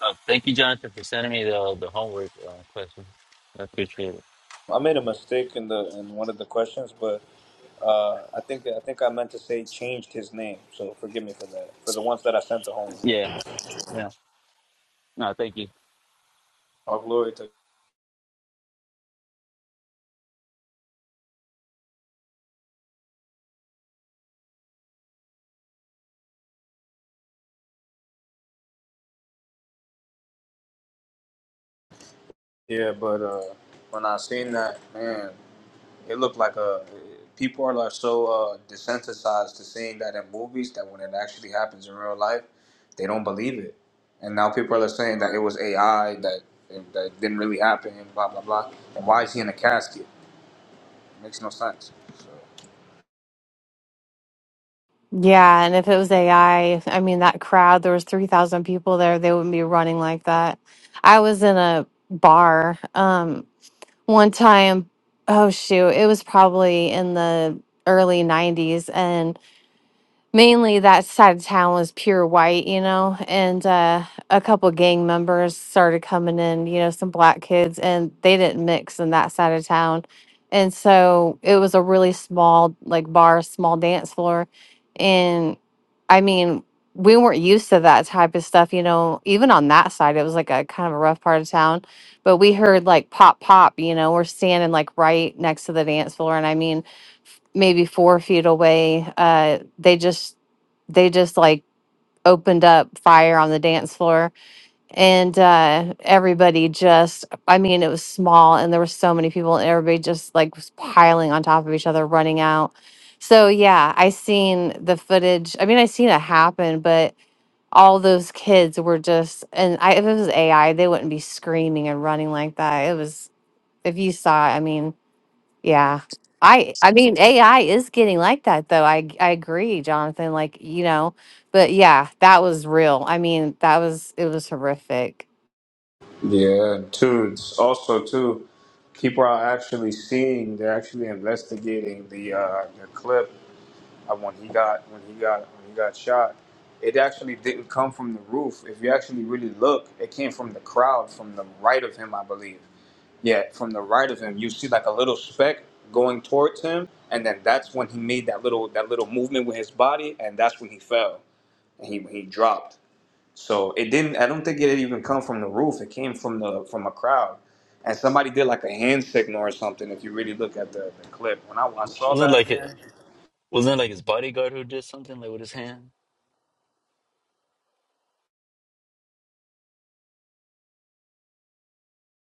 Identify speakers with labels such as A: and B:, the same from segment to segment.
A: Uh, thank you, Jonathan, for sending me the the homework uh, question. I appreciate it.
B: I made a mistake in the in one of the questions, but uh, I think I think I meant to say changed his name. So forgive me for that. For the ones that I sent to home.
A: Yeah, yeah. No, thank you.
B: All glory to yeah. But uh, when I seen that man, it looked like a people are like so uh, desensitized to seeing that in movies that when it actually happens in real life, they don't believe it. And now people are saying that it was AI that that didn't really happen. Blah blah blah. And why is he in a casket? It makes no sense. So.
C: Yeah, and if it was AI, I I mean that crowd, there was 3,000 people there, they wouldn't be running like that. I was in a bar um one time. Oh shoot, it was probably in the early 90s and mainly that side of town was pure white, you know, and uh, a couple gang members started coming in, you know, some black kids, and they didn't mix in that side of town. And so it was a really small, like bar, small dance floor. And I mean, we weren't used to that type of stuff, you know, even on that side, it was like a kind of a rough part of town. But we heard like pop, pop, you know, we're standing like right next to the dance floor. And I mean, maybe four feet away uh they just they just like opened up fire on the dance floor and uh everybody just i mean it was small and there were so many people and everybody just like was piling on top of each other running out so yeah i seen the footage i mean i seen it happen but all those kids were just and I, if it was ai they wouldn't be screaming and running like that it was if you saw it i mean yeah. I I mean AI is getting like that though. I I agree, Jonathan, like, you know, but yeah, that was real. I mean, that was it was horrific.
B: Yeah, and two, it's also too, people are actually seeing. They're actually investigating the uh, the clip of when he got when he got when he got shot. It actually didn't come from the roof. If you actually really look, it came from the crowd, from the right of him, I believe. Yeah, from the right of him, you see like a little speck going towards him, and then that's when he made that little that little movement with his body, and that's when he fell and he he dropped. So it didn't. I don't think it even come from the roof. It came from the from a crowd, and somebody did like a hand signal or something. If you really look at the, the clip, when I, I saw
A: Wasn't
B: that
A: like it
B: man
A: wasn't it like his bodyguard who did something like with his hand.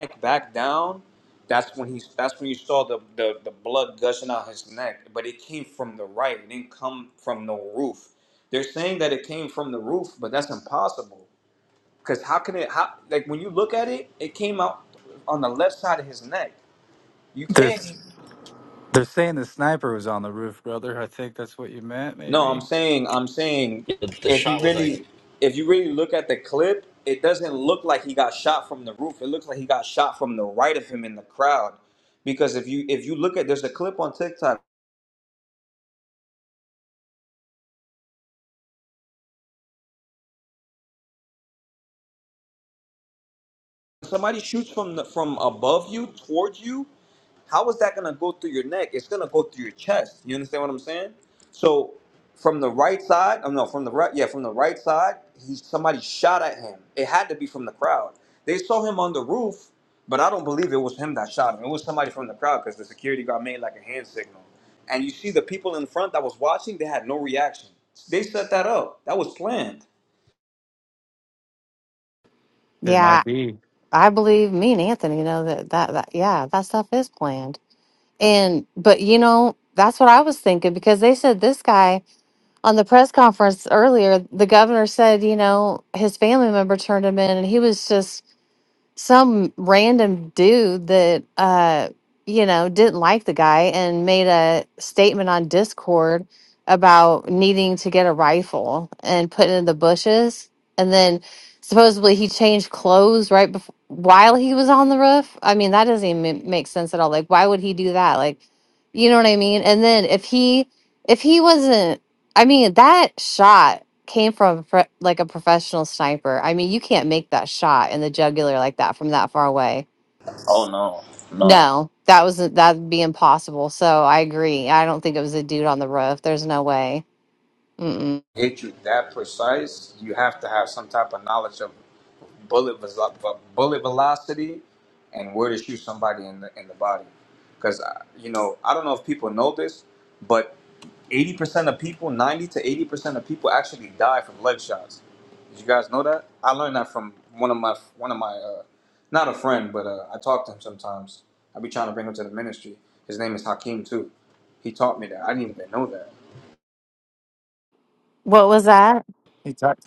B: neck back down, that's when he that's when you saw the, the the blood gushing out his neck. But it came from the right. It didn't come from no roof. They're saying that it came from the roof, but that's impossible. Cause how can it? How like when you look at it, it came out on the left side of his neck. You
D: They're
B: can't.
D: they're saying the sniper was on the roof, brother. I think that's what you meant,
B: No, I'm
D: maybe.
B: saying, I'm saying,
A: Yeah, the
B: if you
A: shot was like
B: really, if you really look at the clip, it doesn't look like he got shot from the roof. It looks like he got shot from the right of him in the crowd, because if you if you look at, there's a clip on TikTok somebody shoots from the, from above you towards you how is that going to go through your neck it's going to go through your chest you understand what i'm saying so from the right side oh no from the right yeah from the right side he somebody shot at him it had to be from the crowd they saw him on the roof but i don't believe it was him that shot him it was somebody from the crowd because the security guard made like a hand signal and you see the people in front that was watching they had no reaction they set that up that was planned
D: It might
C: Yeah.
D: be.
C: I believe me and Anthony know that that, that yeah, that stuff is planned. And but you know, that's what I was thinking because they said this guy on the press conference earlier, the governor said, you know, his family member turned him in and he was just some random dude that uh you know didn't like the guy and made a statement on discord about needing to get a rifle and put it in the bushes and then supposedly he changed clothes right before while he was on the roof i mean that doesn't even ma- make sense at all like why would he do that like you know what i mean and then if he if he wasn't i mean that shot came from a pro- like a professional sniper. I mean, you can't make that shot in the jugular like that from that far away.
B: Oh no, no.
C: No, that was that'd be impossible. So I agree. I don't think it was a dude on the roof. There's no way. Mm-mm.
B: hit you that precise, you have to have some type of knowledge of bullet ve- bullet velocity and where to shoot somebody in the in the body. Because you know, I don't know if people know this, but eighty percent of people, ninety to eighty percent of people actually die from leg shots. Did you guys know that? I learned that from one of my one of my uh, not a friend, but uh, I talk to him sometimes. I be trying to bring him to the ministry. His name is Hakeem too. He taught me that. I didn't even know that.
C: What was that?
D: He talked.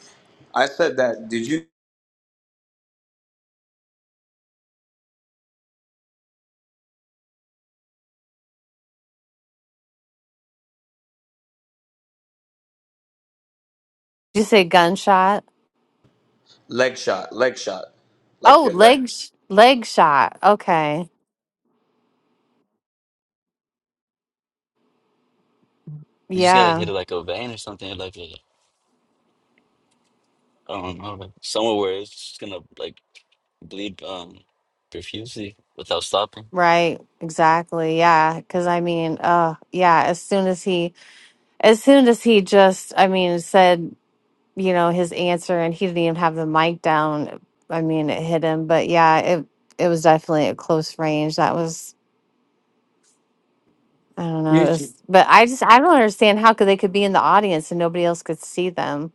B: I said that. Did you
C: Did you say gunshot?
B: Leg shot, leg shot, like
C: Oh,
B: your leg.
C: leg sh- leg shot. Okay.
A: you just gotta hit
C: Yeah.
A: it like a vein or something, like a, I don't know, like somewhere where it's just gonna like bleed um profusely without stopping.
C: Right. Exactly. Yeah. Because I mean, uh, yeah. As soon as he, as soon as he just, I mean, said you know, his answer and he didn't even have the mic down. I mean, it hit him, but yeah, it it was definitely at close range. That was I don't
D: You
C: know, it
D: should.
C: was but I just I don't understand how could they could be in the audience and nobody else could see them,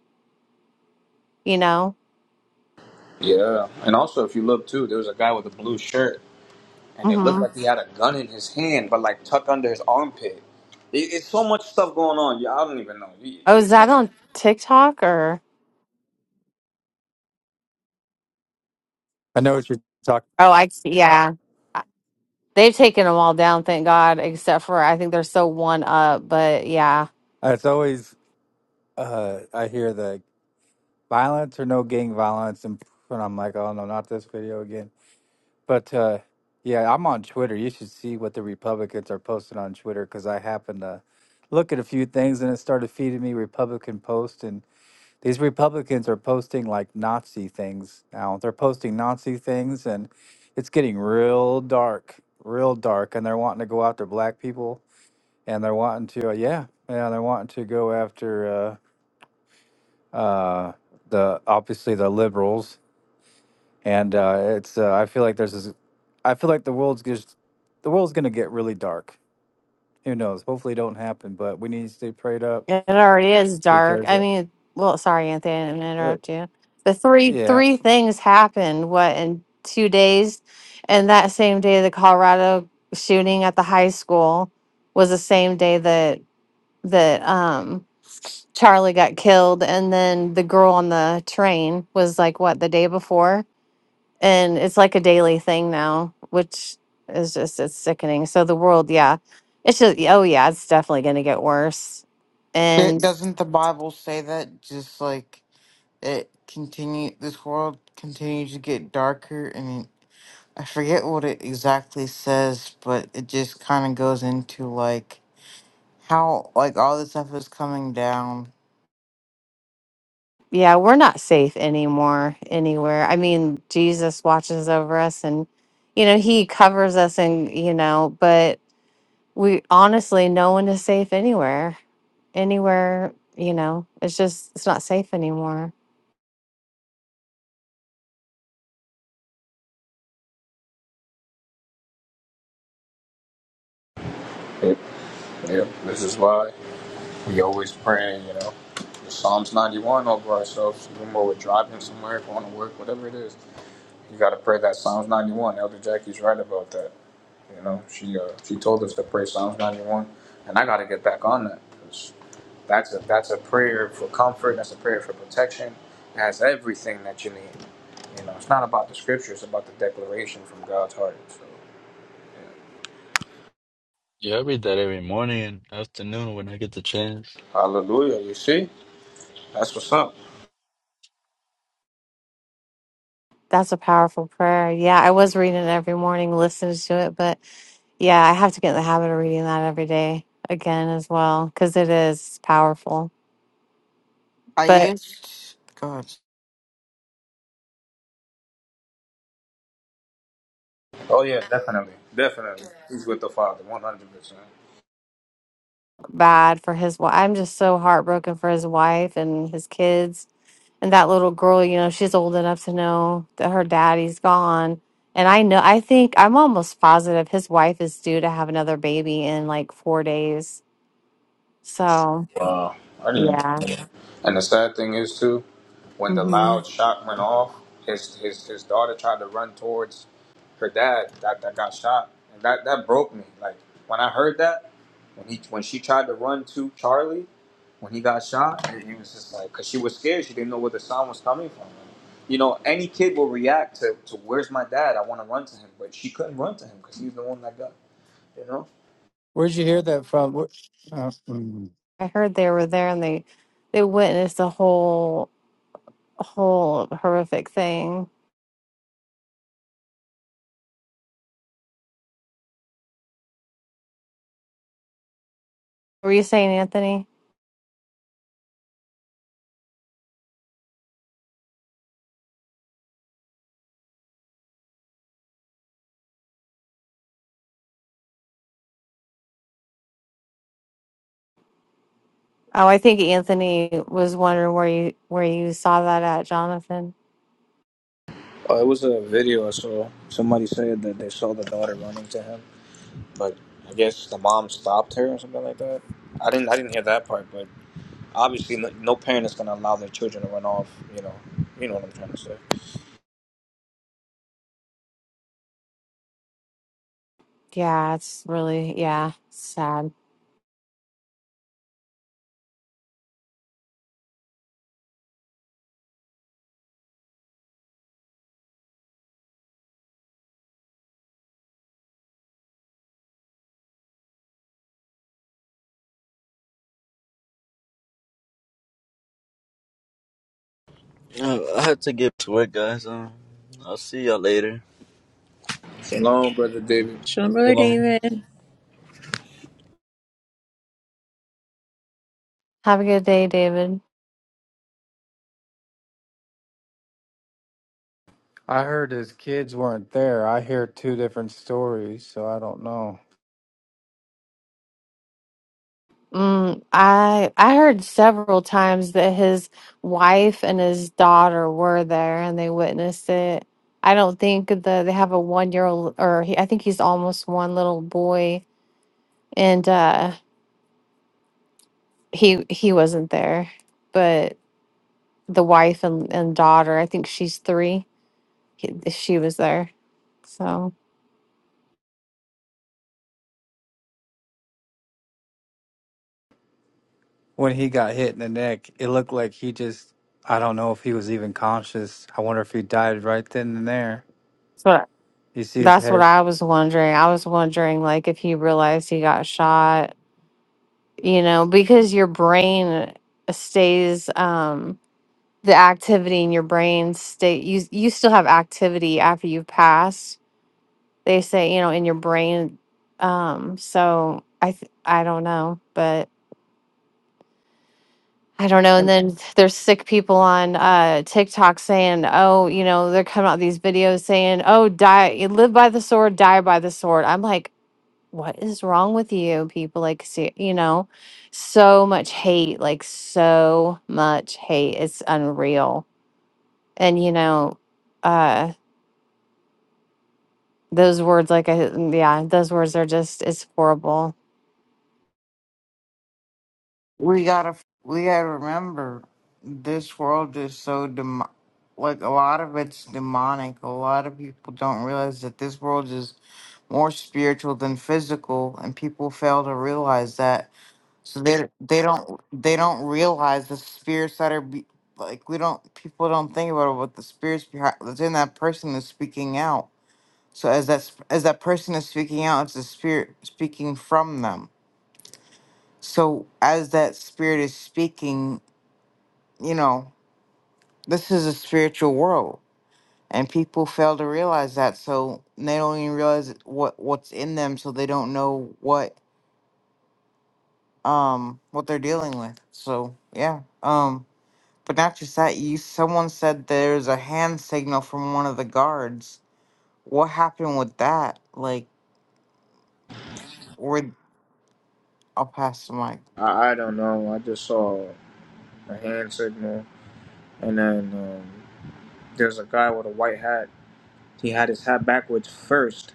C: you know?
B: Yeah, and also if you look too, there was a guy with a blue shirt, and it looked
C: hmm
B: like he had a gun in his hand, but like tucked under his armpit. It, it's so much stuff going on. Yeah, I don't even know. It-
C: Oh, is
B: It's
C: that
B: like,
C: on TikTok or
D: I know what you're talking.
C: Oh, I see. Yeah. They've taken them all down, thank God, except for I think they're so one up, but yeah.
D: It's always uh, I hear the violence or no gang violence, and, and I'm like, oh no, not this video again. But uh, yeah, I'm on Twitter. You should see what the Republicans are posting on Twitter because I happened to look at a few things, and it started feeding me Republican posts, and. These Republicans are posting like Nazi things now. They're posting Nazi things, and it's getting real dark, real dark. And they're wanting to go after black people, and they're wanting to, uh, yeah, yeah, they're wanting to go after uh, uh, the obviously the liberals. And uh, it's, uh, I feel like there's this, I feel like the world's just, the world's gonna get really dark. Who knows? Hopefully, it don't happen, but we need to stay prayed up
C: It already is dark.
D: because,
C: I
D: uh,
C: mean, well, sorry, Anthony, I didn't interrupt you. The three
D: yeah.
C: three things happened, what, in two days? And that same day, the Colorado shooting at the high school was the same day that that um Charlie got killed, and then the girl on the train was like what the day before, and it's like a daily thing now, which is just it's sickening. So the world, yeah, it's just oh yeah, it's definitely gonna get worse
E: It, doesn't the Bible say that just like it continue this world continues to get darker and I forget what it exactly says, but it just kind of goes into like how like all this stuff is coming down.
C: yeah, we're not safe anymore anywhere. I mean, Jesus watches over us and you know, he covers us and you know, but we honestly no one is safe anywhere. Anywhere, you know, it's just it's not safe anymore.
B: yeah, yeah, this is why we always praying, You know, the Psalms ninety one over ourselves, even when we're driving somewhere, going to work, whatever it is. You got to pray that Psalms 91. Elder Jackie's right about that. You know, she uh, she told us to pray Psalms 91, and I got to get back on that 'cause that's a that's a prayer for comfort. That's a prayer for protection. It has everything that you need. You know, it's not about the scripture. It's about the declaration from God's heart. So,
A: Yeah, I read that every morning and afternoon when I get the chance.
B: hallelujah. You see, that's what's up.
C: That's a powerful prayer. Yeah, I was reading it every morning, listening to it, but yeah, I have to get in the habit of reading that every day again as well because it is powerful.
E: I
C: But
E: used God,
B: Oh yeah, definitely, definitely. He's with the Father, 100. percent
C: bad for his wife. I'm just so heartbroken for his wife and his kids And that little girl, you know, she's old enough to know that her daddy's gone. And I know, I think I'm almost positive his wife is due to have another baby in like four days. So,
B: Wow. I didn't even
C: yeah.
B: know that. And the sad thing is too, when the
C: hmm
B: loud shot went off, his his, his daughter tried to run towards her dad that, that got shot. And that, that broke me. Like when I heard that, when he when she tried to run to Charlie, when he got shot, it, it was just like cause she was scared. She didn't know where the sound was coming from. you know, any kid will react to, to where's my dad? I want to run to him, but she couldn't run to him because he's the one that got. You know.
D: Where'd you hear that from? Where, uh, mm.
C: I heard they were there and they they witnessed a whole whole horrific thing. Were you saying Anthony? Oh, I think Anthony was wondering where you where you saw that at, Jonathan.
B: Oh, it was a video I saw. Somebody said that they saw the daughter running to him, but I guess the mom stopped her or something like that. I didn't. I didn't hear that part, but obviously, no, no parent is gonna allow their children to run off. You know. You know what I'm trying to say.
C: Yeah, it's really yeah, sad.
A: Uh, I have to get to work, guys. Um, I'll see y'all later.
B: Shalom, brother
A: So
B: David.
F: Similar,
A: long.
F: David.
C: Have a good day, David.
D: I heard his kids weren't there. I hear two different stories, so I don't know.
C: Mm, I I heard several times that his wife and his daughter were there and they witnessed it. I don't think the they have a one year old or he, I think he's almost one little boy and uh he he wasn't there, but the wife and, and daughter, I think she's three, he, she was there. So
D: When he got hit in the neck, it looked like he just, I don't know if he was even conscious. I wonder if he died right then and there.
C: that's what
D: You see his
C: that's what
D: hair.
C: I was wondering. I was wondering like if he realized he got shot you know, because your brain stays um the activity in your brain stay you you still have activity after you've passed. They say, you know, in your brain um so I th- I don't know, but I don't know. And
E: and
C: then there's sick people on uh TikTok saying, "Oh, you know, they're coming out these videos saying, "Oh, die live by the sword, die by the sword." I'm like, what is wrong with you people like see you know so much hate like so much hate it's unreal and you know uh those words like I, mm, yeah those words are just it's horrible
E: we gotta we gotta remember this world is so dem like a lot of it's demonic. A lot of people don't realize that this world is more spiritual than physical and people fail to realize that so they they don't they don't realize the spirits that are be, like we don't people don't think about what the spirits behind that's in that person is speaking out so as that sp- as that person is speaking out it's the spirit speaking from them so as that spirit is speaking you know this is a spiritual world and people fail to realize that so they don't even realize what what's in them so they don't know what um what they're dealing with. So yeah. Um but not just that, you someone said there's a hand signal from one of the guards. What happened with that? Like where I'll pass the mic.
B: I, I don't know. I just saw a hand signal, and then um, there's a guy with a white hat. He had his hat backwards first,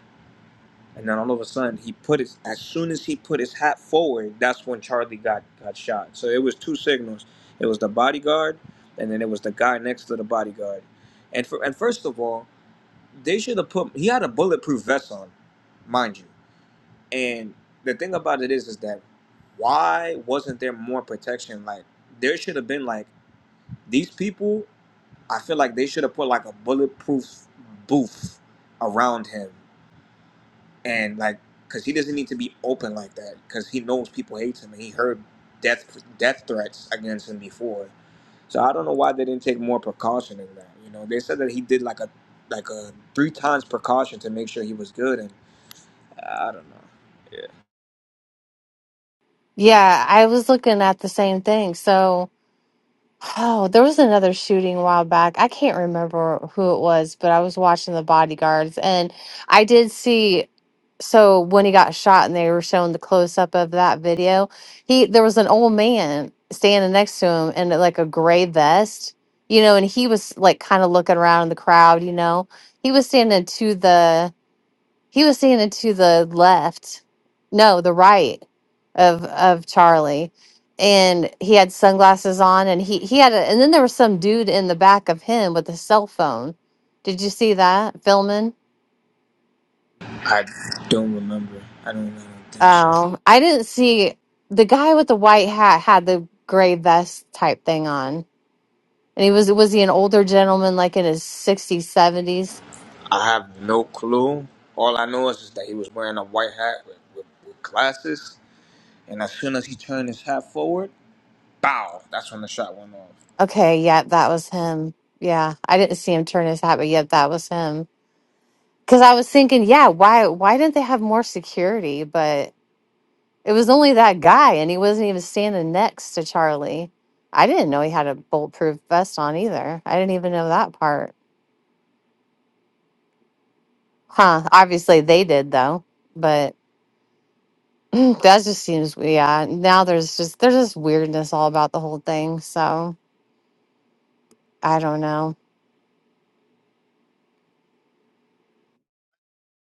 B: And then all of a sudden, he put his as soon as he put his hat forward, that's when Charlie got got shot. So it was two signals. It was the bodyguard, and then it was the guy next to the bodyguard. And for and first of all, they should have put he had a bulletproof vest on, mind you. And the thing about it is, is that why wasn't there more protection? Like there should have been like these people. I feel like they should have put like a bulletproof booth around him and like because he doesn't need to be open like that because he knows people hate him and he heard death death threats against him before so i don't know why they didn't take more precaution in that you know they said that he did like a like a three times precaution to make sure he was good and i don't know yeah
C: yeah i was looking at the same thing so oh there was another shooting a while back i can't remember who it was but i was watching the bodyguards and i did see so when he got shot and they were showing the close up of that video, he there was an old man standing next to him in like a gray vest, you know, and he was like kind of looking around in the crowd, you know. He was standing to the he was standing to the left, no, the right of of Charlie. And he had sunglasses on and he he had a, and then there was some dude in the back of him with a cell phone. Did you see that filming?
B: i don't remember i don't, I don't think so
C: Oh, I didn't see the guy with the white hat had the gray vest type thing on. And he was was he an older gentleman like in his 60s, 70s?
B: i have no clue all i know is just that he was wearing a white hat with, with, with glasses and as soon as he turned his hat forward bow that's when the shot went off
C: Okay, yeah, that was him. Yeah, I didn't see him turn his hat, but yeah, that was him. Cuz I was thinking, yeah, why why didn't they have more security? But it was only that guy and he wasn't even standing next to Charlie. I didn't know he had a bulletproof vest on either. I didn't even know that part. Huh, obviously they did though. but. Mm, that just seems yeah. Now there's just there's just weirdness all about the whole thing. So I don't know.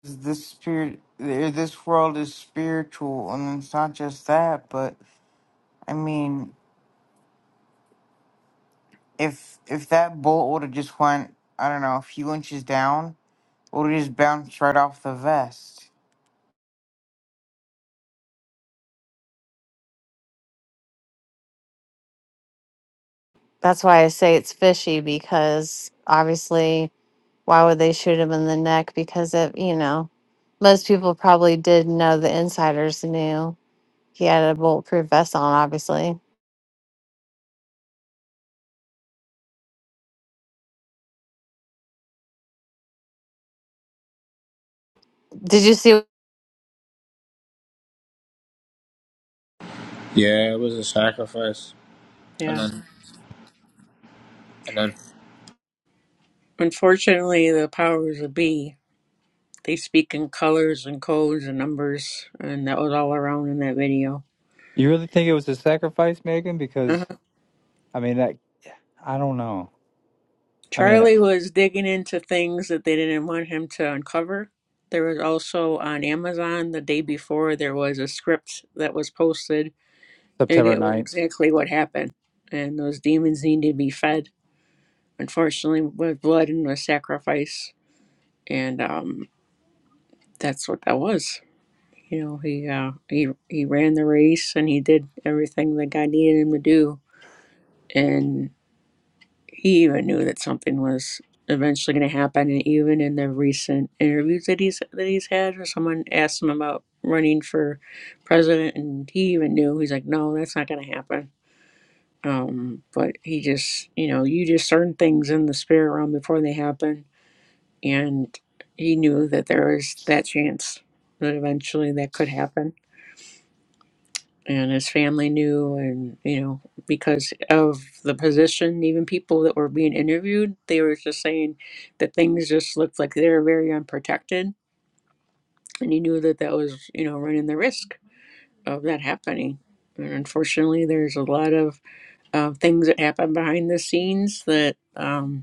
E: This spirit eh, this world is spiritual and it's not just that, but I mean if if that bolt would have just went I don't know, a few inches down, it would have just bounced right off the vest.
C: That's why I say it's fishy because obviously why would they shoot him in the neck? Because it you know most people probably did know the insiders knew he had a bulletproof vest on. Obviously, did you see
B: Yeah, it was a sacrifice, and
F: Yeah.
B: then and then
F: Unfortunately, the powers of be, they speak in colors and codes and numbers, and that was all around in that video.
D: You really think it was a sacrifice, Megan?
F: uh
D: Because, I mean, that, I don't know. I mean,
F: Charlie was digging into things that they didn't want him to uncover. There was also on Amazon the day before, there was a script that was posted, and
D: September
F: it was
D: ninth.
F: exactly what happened. And those demons need to be fed, unfortunately, with blood and with sacrifice. And um, that's what that was. You know, he uh, he he ran the race and he did everything that God needed him to do, and he even knew that something was eventually going to happen. And even in the recent interviews that he's that he's had, where someone asked him about running for president, and he even knew he's like, "No, that's not going to happen." Um, but he just, you know, you discern things in the spirit realm before they happen, and he knew that there was that chance that eventually that could happen and his family knew and you know because of the position even people that were being interviewed they were just saying that things just looked like they were very unprotected and he knew that that was you know running the risk of that happening and unfortunately there's a lot of uh, things that happen behind the scenes that um,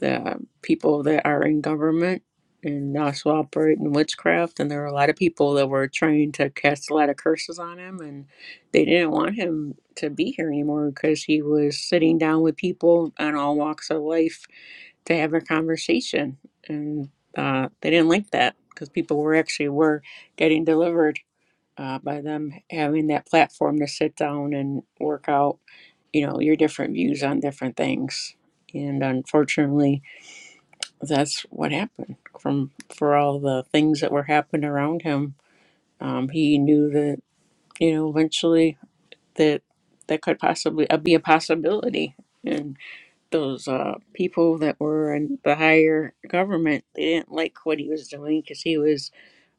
F: the people that are in government and also operate in witchcraft. And there were a lot of people that were trying to cast a lot of curses on him, and they didn't want him to be here anymore because he was sitting down with people on all walks of life to have a conversation, and uh, they didn't like that because people were actually were getting delivered uh, by them having that platform to sit down and work out, you know, your different views on different things. And unfortunately, that's what happened from for all the things that were happening around him um, he knew that you know eventually that that could possibly uh, be a possibility and those uh, people that were in the higher government they didn't like what he was doing because he was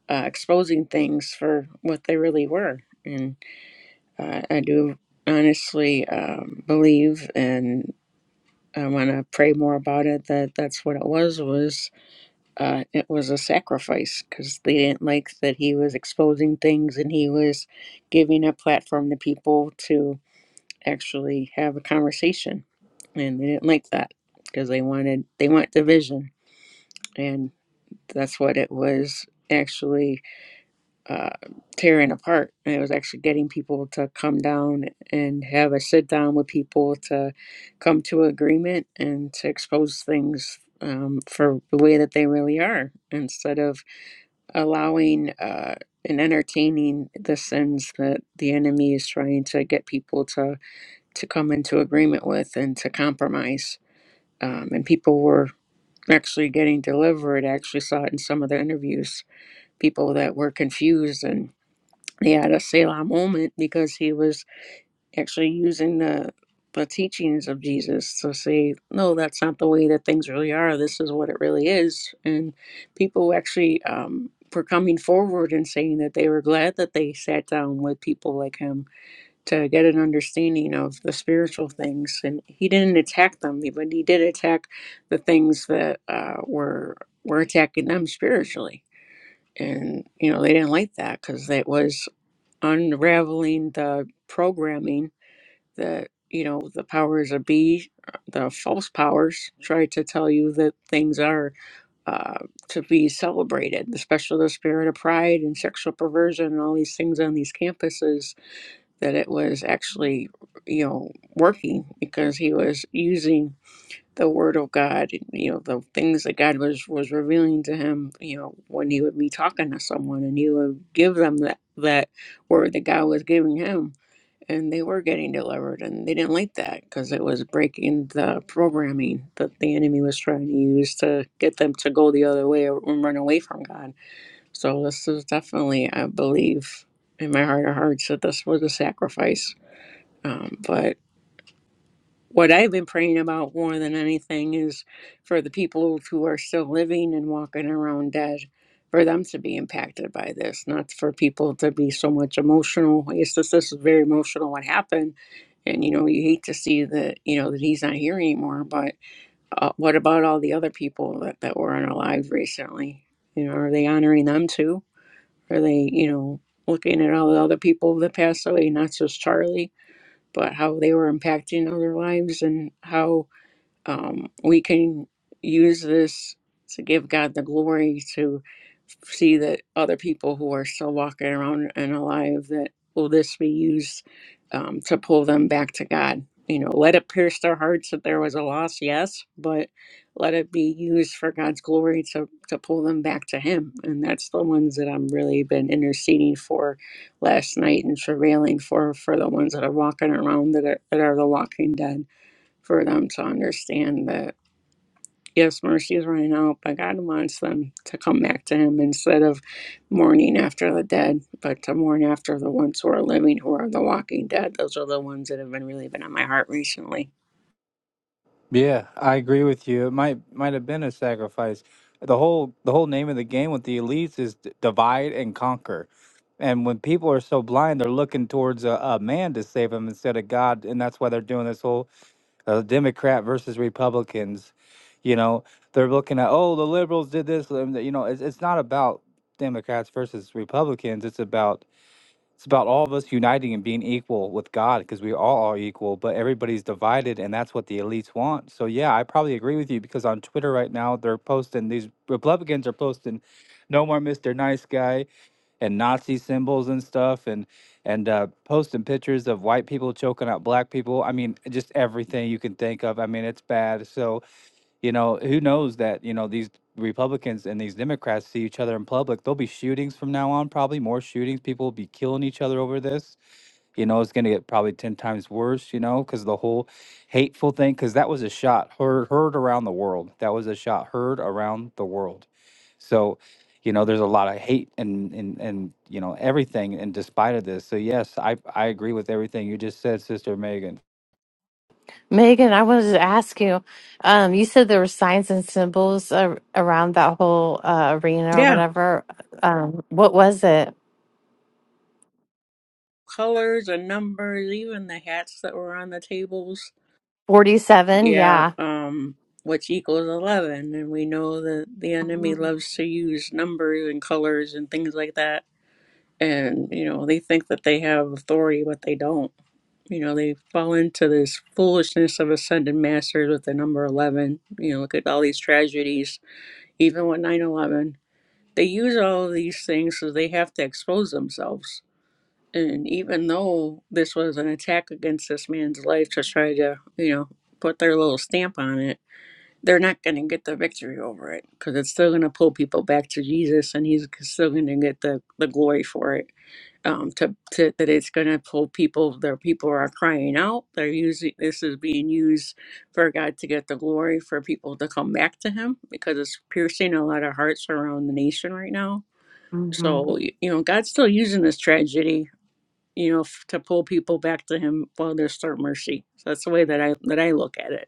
F: uh, exposing things for what they really were and uh, i do honestly um, believe and i want to pray more about it that that's what it was was uh, it was a sacrifice because they didn't like that he was exposing things and he was giving a platform to people to actually have a conversation, and they didn't like that because they wanted they want division, and that's what it was actually uh, tearing apart. And it was actually getting people to come down and have a sit down with people to come to agreement and to expose things um, for the way that they really are instead of allowing uh, and entertaining the sins that the enemy is trying to get people to to come into agreement with and to compromise. Um, and people were actually getting delivered. I actually saw it in some of the interviews. People that were confused and they had a Selah moment because he was actually using the the teachings of Jesus to say, no, that's not the way that things really are. This is what it really is. And people actually um, were coming forward and saying that they were glad that they sat down with people like him to get an understanding of the spiritual things. And he didn't attack them, but he did attack the things that uh, were were attacking them spiritually. And you know they didn't like that because that was unraveling the programming that you know the powers of be the false powers try to tell you that things are uh, to be celebrated especially the spirit of pride and sexual perversion and all these things on these campuses that it was actually you know working because he was using the word of god you know the things that god was was revealing to him you know when he would be talking to someone and he would give them that that word that god was giving him and they were getting delivered and they didn't like that because it was breaking the programming that the enemy was trying to use to get them to go the other way or and run away from god so this is definitely i believe in my heart of hearts that this was a sacrifice um, but what I've been praying about more than anything is for the people who are still living and walking around dead, for them to be impacted by this, not for people to be so much emotional. It's just this is very emotional what happened. And you know, you hate to see that, you know, that he's not here anymore, but uh, what about all the other people that, that were unalived recently? You know, are they honoring them too? Are they, you know, looking at all the other people that passed away, not just Charlie? but how they were impacting other lives and how um, we can use this to give God the glory to see that other people who are still walking around and alive that will this be used um, to pull them back to God. You know, let it pierce their hearts that there was a loss, yes, but let it be used for God's glory to to pull them back to Him. And that's the ones that I'm really been interceding for last night and travailing for for the ones that are walking around that are that are the walking dead for them to understand that yes, mercy is running out, but God wants them to come back to Him instead of mourning after the dead, but to mourn after the ones who are living, who are the walking dead. Those are the ones that have been really been on my heart recently.
D: Yeah, I agree with you. It might might have been a sacrifice. The whole the whole name of the game with the elites is d- divide and conquer. And when people are so blind, they're looking towards a, a man to save them instead of God, and that's why they're doing this whole uh, Democrat versus Republicans. You know, they're looking at oh the liberals did this. um, You know, it's, it's not about Democrats versus Republicans. It's about it's about all of us uniting and being equal with God because we all are equal, but everybody's divided, and that's what the elites want. So, yeah, I probably agree with you because on Twitter right now, they're posting these Republicans are posting no more Mr. Nice Guy and Nazi symbols and stuff, and and uh, posting pictures of white people choking out black people. I mean, just everything you can think of. I mean, it's bad. So, you know, who knows that, you know, these Republicans and these Democrats see each other in public. There'll be shootings from now on, probably more shootings. People will be killing each other over this. You know, it's going to get probably 10 times worse, you know, because the whole hateful thing, because that was a shot heard, heard around the world. That was a shot heard around the world. So, you know, there's a lot of hate and, and, and, you know, everything in despite of this. So, yes, I, I agree with everything you just said, Sister Megan.
C: Megan? I wanted to ask you. Um, you said there were signs and symbols ar- around that whole uh, arena or
F: Yeah,
C: whatever. Um, what was it?
F: colors and numbers, even the hats that were on the tables.
C: Forty-seven.
F: Yeah,
C: Yeah.
F: um. Which equals 11, and we know that the enemy
C: Mm,
F: loves to use numbers and colors and things like that. And, you know, they think that they have authority, but they don't You know, they fall into this foolishness of ascended masters with the number 11. You know, look at all these tragedies, even with 9 11. They use all of these things so they have to expose themselves. And even though this was an attack against this man's life to try to, you know, put their little stamp on it, they're not going to get the victory over it because it's still going to pull people back to Jesus and he's still going to get the, the glory for it um, to, to that it's going to pull people. Their people are crying out. They're using this is being used for God to get the glory for people to come back to Him because it's piercing a lot of hearts around the nation right now.
C: Mm-hmm.
F: So y- you know, God's still using this tragedy, you know, f- to pull people back to Him while there's still mercy. So that's the way that I that I look at it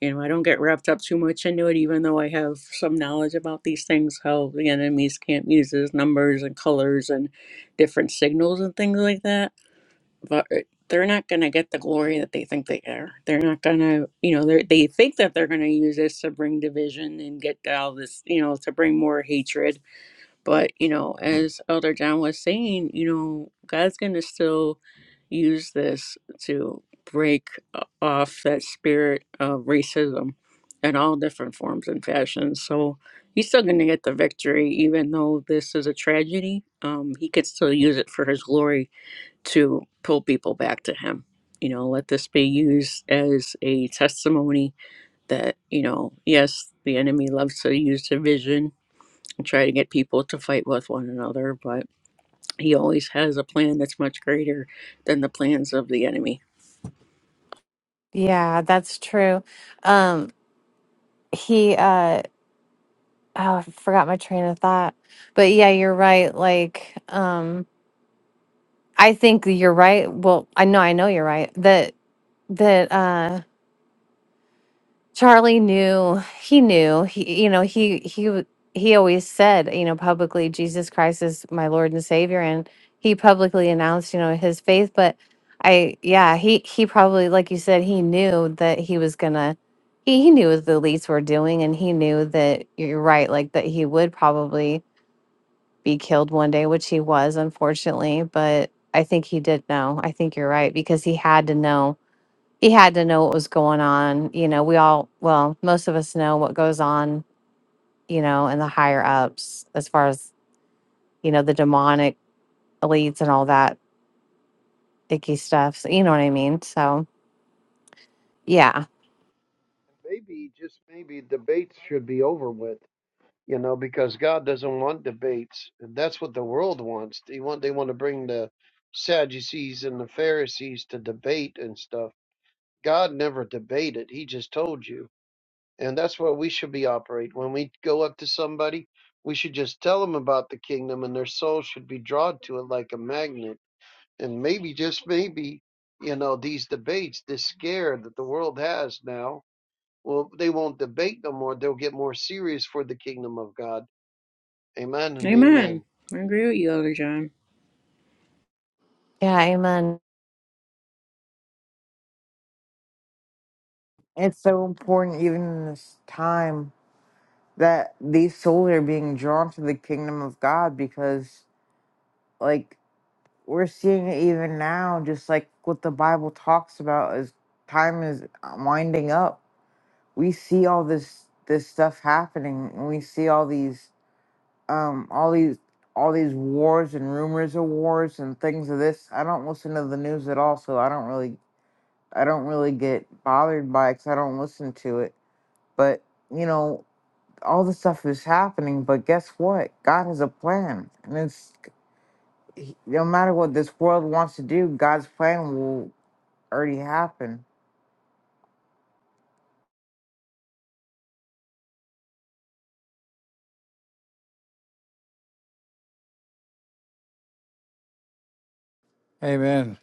F: you know, I don't get wrapped up too much into it, even though I have some knowledge about these things, how the enemies can camp uses numbers and colors and different signals and things like that. But uh, they're not going to get the glory that they think they are. They're not going to, you know, they they think that they're going to use this to bring division and get all this, you know, to bring more hatred but, you know, as Elder John was saying, you know, God's going to still use this to break o- off that spirit of racism in all different forms and fashions. So he's still going to get the victory, even though this is a tragedy. Um, he could still use it for his glory to pull people back to him. You know, let this be used as a testimony that, you know, yes, the enemy loves to use division and try to get people to fight with one another, but he always has a plan that's much greater than the plans of the enemy.
C: Yeah, that's true. Um, he uh oh, I forgot my train of thought. But yeah, you're right. Like, um, I think you're right. Well, I know I know you're right. That that uh Charlie knew, he knew, he, you know, he, he, w- he always said, you know, publicly, Jesus Christ is my Lord and Savior. And he publicly announced, you know, his faith. But I, yeah, he, he probably, like you said, he knew that he was gonna, he, he knew what the elites were doing. And he knew that you're right, like that he would probably be killed one day, which he was, unfortunately. But I think he did know. I think you're right because he had to know he had to know what was going on. You know, we all, well, most of us know what goes on, you know, in the higher ups as far as, you know, the demonic elites and all that icky stuff. So, you know what I mean? So, yeah.
G: And maybe, just maybe, debates should be over with, you know, because God doesn't want debates. And that's what the world wants. They want they want to bring the Sadducees and the Pharisees to debate and stuff. God never debated. He just told you. And that's what we should be operate. When we go up to somebody, we should just tell them about the kingdom and their soul should be drawn to it like a magnet. And maybe just maybe, you know, these debates, this scare that the world has now well, they won't debate no more. They'll get more serious for the kingdom of God. Amen and
F: Amen.
G: amen.
F: I agree with you, Elder John.
C: Yeah. Amen.
E: It's so important even in this time that these souls are being drawn to the kingdom of God because, like, we're seeing it even now, just like what the Bible talks about as time is winding up. We see all this this stuff happening, and we see all these um all these all these wars and rumors of wars and things of this. I don't listen to the news at all, so I don't really I don't really get bothered by it, cause I don't listen to it. But you know. all the stuff is happening, but guess what? God has a plan, and it's he- no matter what this world wants to do, God's plan will already happen.
D: Amen.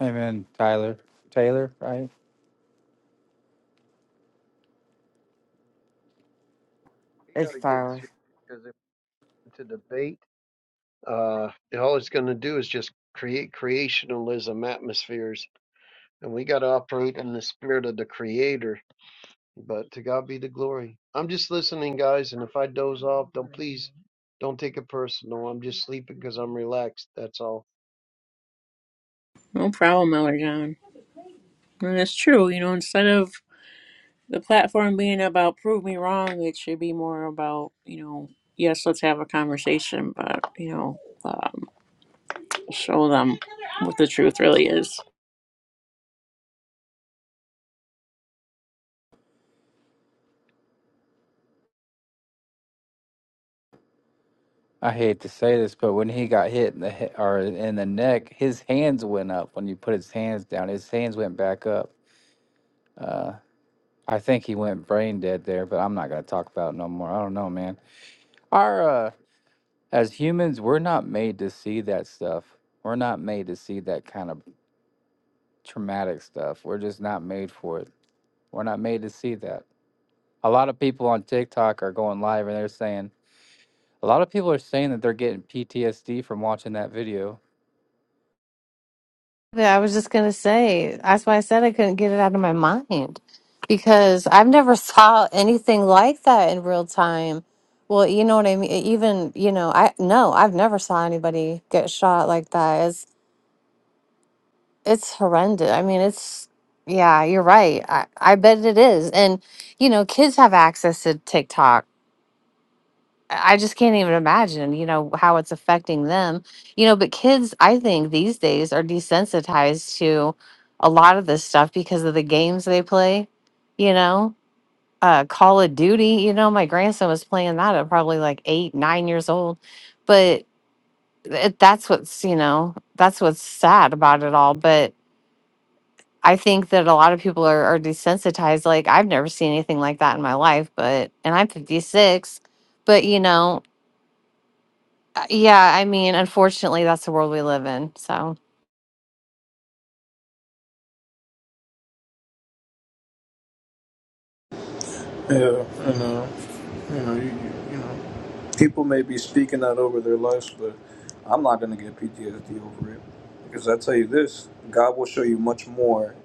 D: Amen. Tyler, Taylor, right?
G: We got
E: It's
G: to get serious
E: Tyler.
G: because if we're to debate, uh, all it's going to do is just create creationalism atmospheres. And we got to operate in the spirit of the Creator. But to God be the glory. I'm just listening, guys. And if I doze off, don't please don't take it personal. I'm just sleeping because I'm relaxed. That's all.
F: No problem, Elder John. And it's true, you know, instead of the platform being about prove me wrong, it should be more about, you know, yes, let's have a conversation, but, you know, um, show them what the truth really is.
D: I hate to say this, but when he got hit in the he- or in the neck, his hands went up. When you put his hands down, his hands went back up. Uh, I think he went brain dead there, but I'm not gonna talk about it no more. I don't know, man. Our uh, as humans, we're not made to see that stuff. We're not made to see that kind of traumatic stuff. We're just not made for it. We're not made to see that. A lot of people on TikTok are going live and they're saying a lot of people are saying that they're getting PTSD from watching that video
C: Yeah, I was just going to say, that's why I said I couldn't get it out of my mind because I've never saw anything like that in real time. Well, you know what I mean? Even, you know, I, no, I've never saw anybody get shot like that. It's horrendous. I mean, it's yeah, you're right. I, I bet it is. And you know, kids have access to TikTok. I I just can't even imagine, you know, how it's affecting them. You know, but kids, I think these days are desensitized to a lot of this stuff because of the games they play, you know. Uh, Call of Duty, you know, my grandson was playing that at probably like eight, nine years old. But it, that's what's, you know, that's what's sad about it all. But I think that a lot of people are, are desensitized. Like I've never seen anything like that in my life, but and I'm 56, but you know, uh, yeah, I mean, unfortunately, that's the world we live in. So
B: yeah, and uh, you know, you, you, you know, people may be speaking that over their lives, but I'm not gonna get PTSD over it because I tell you this: God will show you much more.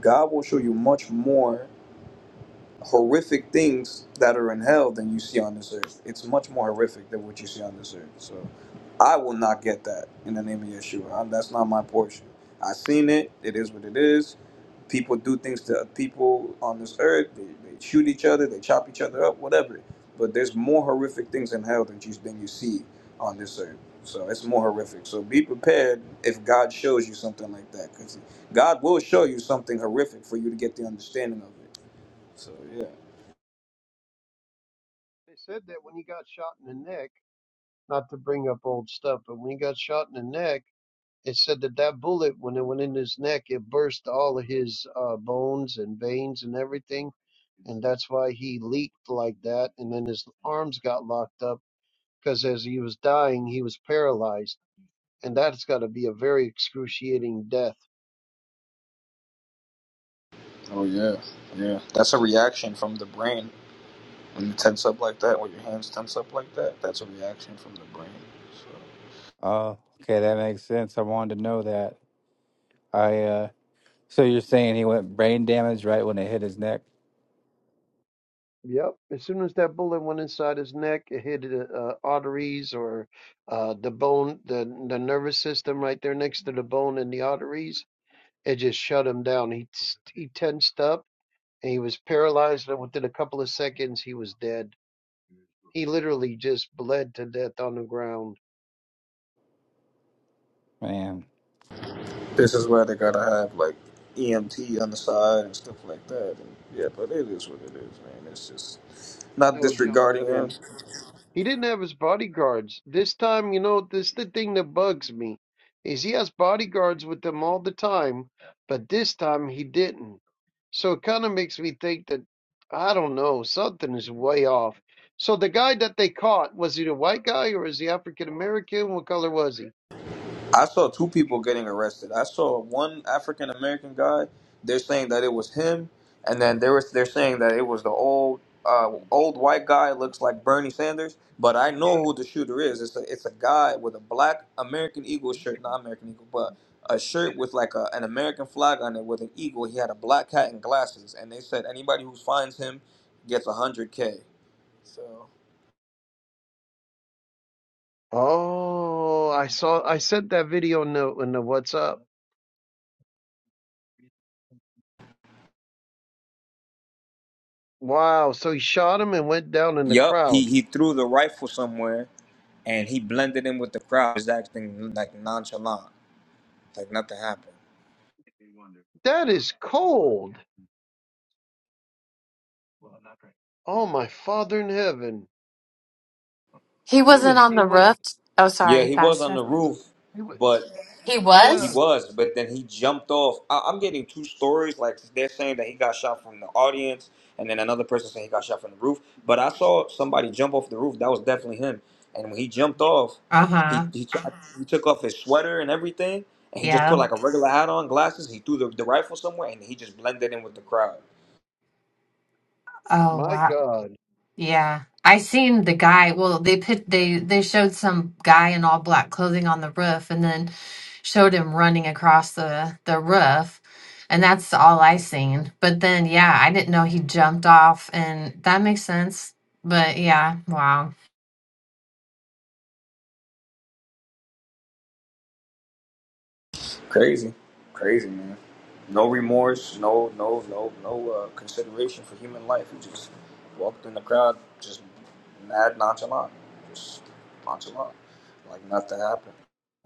B: God will show you much more horrific things that are in hell than you see on this earth. It's much more horrific than what you see on this earth. So, I will not get that in the name of Yeshua. i that's not my portion. I seen it. It is what it is People do things to people on this earth. They, they shoot each other. They chop each other up. Whatever. But there's more horrific things in hell than you than you see on this earth. So it's more horrific. So be prepared if God shows you something like that, because God will show you something horrific for you to get the understanding of it. So yeah.
G: They said that when he got shot in the neck, not to bring up old stuff, but when he got shot in the neck, it said that that bullet, when it went in his neck, it burst all of his uh, bones and veins and everything, and that's why he leaked like that. And then his arms got locked up because as he was dying, he was paralyzed, and that's got to be a very excruciating death.
B: Oh yeah, yeah. That's a reaction from the brain when you tense up like that, when your hands tense up like that. That's a reaction from the brain. So
D: Oh, okay, that makes sense. I wanted to know that. I uh so you're saying he went brain damage right when it hit his neck?
G: Yep. As soon as that bullet went inside his neck, it hit the uh, arteries or uh, the bone, the the nervous system right there next to the bone and the arteries. It just shut him down. He he tensed up and he was paralyzed. And within a couple of seconds, he was dead. He literally just bled to death on the ground.
D: Man.
B: This is why they gotta have like EMT on the side and stuff like that. And yeah, but it is what it is, man. It's just not
G: So
B: disregarding him.
G: Jonathan, he didn't have his bodyguards this time. You know, this is the thing that bugs me is he has bodyguards with him all the time, but this time he didn't. So it kind of makes me think that I don't know something is way off. So the guy that they caught was he the white guy or is he African American? What color was he?
B: I saw two people getting arrested. I saw one African American guy. They're saying that it was him, and then there was they're saying that it was the old uh, old white guy looks like Bernie Sanders. But I know who the shooter is. It's a it's a guy with a black American Eagle shirt, not American Eagle, but a shirt with like a, an American flag on it with an eagle. He had a black hat and glasses, and they said anybody who finds him gets a hundred k. So.
G: Oh, I saw. I sent that video in the in the WhatsApp. Wow. So he shot him and went down in the
B: Yup, he
G: crowd.
B: he threw the rifle somewhere, and he blended in with the crowd. He's acting like nonchalant, like nothing happened.
G: That is cold. Oh, my Father in heaven.
C: He
G: He
C: wasn't
G: was
C: on the
G: demon.
C: roof. Oh,
B: Yeah,
C: sorry,
B: he was on
C: Pastor.
B: the roof,
G: He was,
B: but
C: He
B: he
G: yeah.
C: was?
B: was. But then he jumped off. I, I'm getting two stories. Like they're saying that he got shot from the audience, and then another person saying he got shot from the roof. But I saw somebody jump off the roof. That was definitely him. And when he jumped off,
C: Uh
B: he
C: huh.
B: he, tried, he took off his sweater and everything, and he just put
C: Yeah.
B: like a regular hat on, glasses. He threw the, the rifle somewhere, and he just blended in with the crowd.
C: Oh,
G: My
C: wow.
G: God.
C: Yeah. I seen the guy. Well, they put they they showed some guy in all black clothing on the roof and then showed him running across the the roof. And that's all I seen. But then yeah, I didn't know he jumped off and that makes sense. But yeah, wow.
B: Crazy, crazy man. No remorse, no no no no uh, consideration for human life. He just walked in the crowd, just mad nonchalant, just nonchalant, like nothing happened.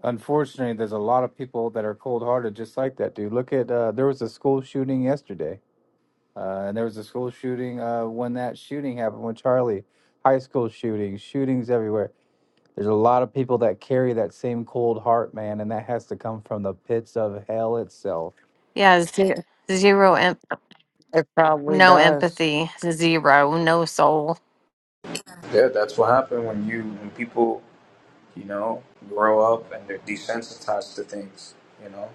D: Unfortunately, there's a lot of people that are cold-hearted just like that, dude. Look at uh there was a school shooting yesterday. Uh and there was a school shooting uh when that shooting happened with Charlie. High school shootings, shootings everywhere. There's a lot of people that carry that same cold heart, man, and that has to come from the pits of hell itself.
C: Yeah, zero, zero em-
E: It probably
C: no
E: does.
C: empathy, zero, no soul.
B: Yeah, that's what happened when you when people you know grow up and they're desensitized to things. You know,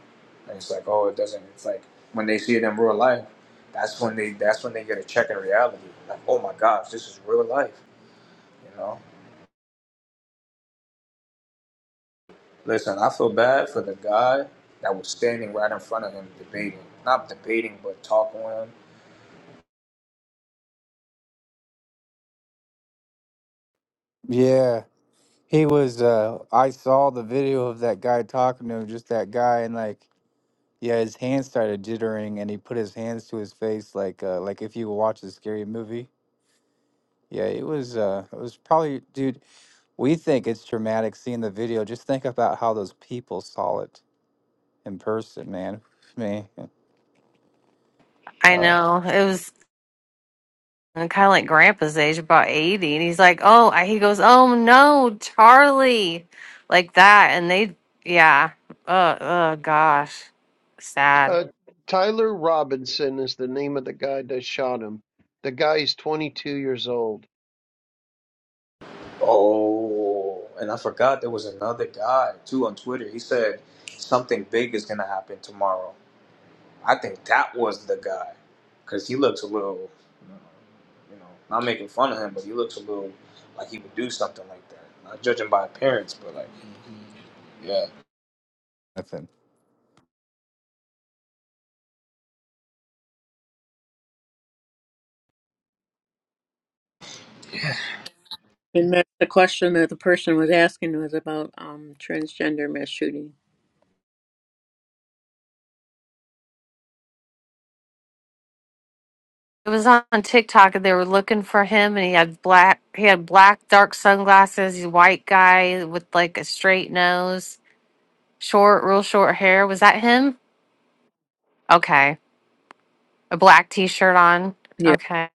B: and it's like oh, it doesn't. It's like when they see it in real life, that's when they that's when they get a check in reality. Like oh my gosh, this is real life. You know. Listen, I feel bad for the guy that was standing right in front of him debating. Not debating, but talking with him.
D: Yeah. He was uh I saw the video of that guy talking to him, just that guy and like yeah, his hands started jittering and he put his hands to his face like uh like if you watch a scary movie. Yeah, it was uh it was probably dude, we think it's traumatic seeing the video. Just think about how those people saw it in person, man. Me
C: I
D: uh
C: know. it was. And kind of like grandpa's age, about 80. And he's like, oh, I, he goes, oh no, Charlie. Like that. And they, yeah. Uh, uh, gosh. Sad.
G: Uh, Tyler Robinson is the name of the guy that shot him. The guy is 22 years old.
B: Oh, and I forgot there was another guy too on Twitter. He said something big is going to happen tomorrow. I think that was the guy because he looks a little, you know, not making fun of him, but he looks a little like he would do something like that. Not judging by appearance, but like, yeah.
D: nothing.
F: And that's the question that the person was asking was about um, transgender mass shooting.
C: It was on TikTok and they were looking for him and he had black, he had black dark sunglasses. He's a white guy with like a straight nose, short, real short hair. Was that him? Okay. A black t shirt on.
F: Yeah.
C: Okay.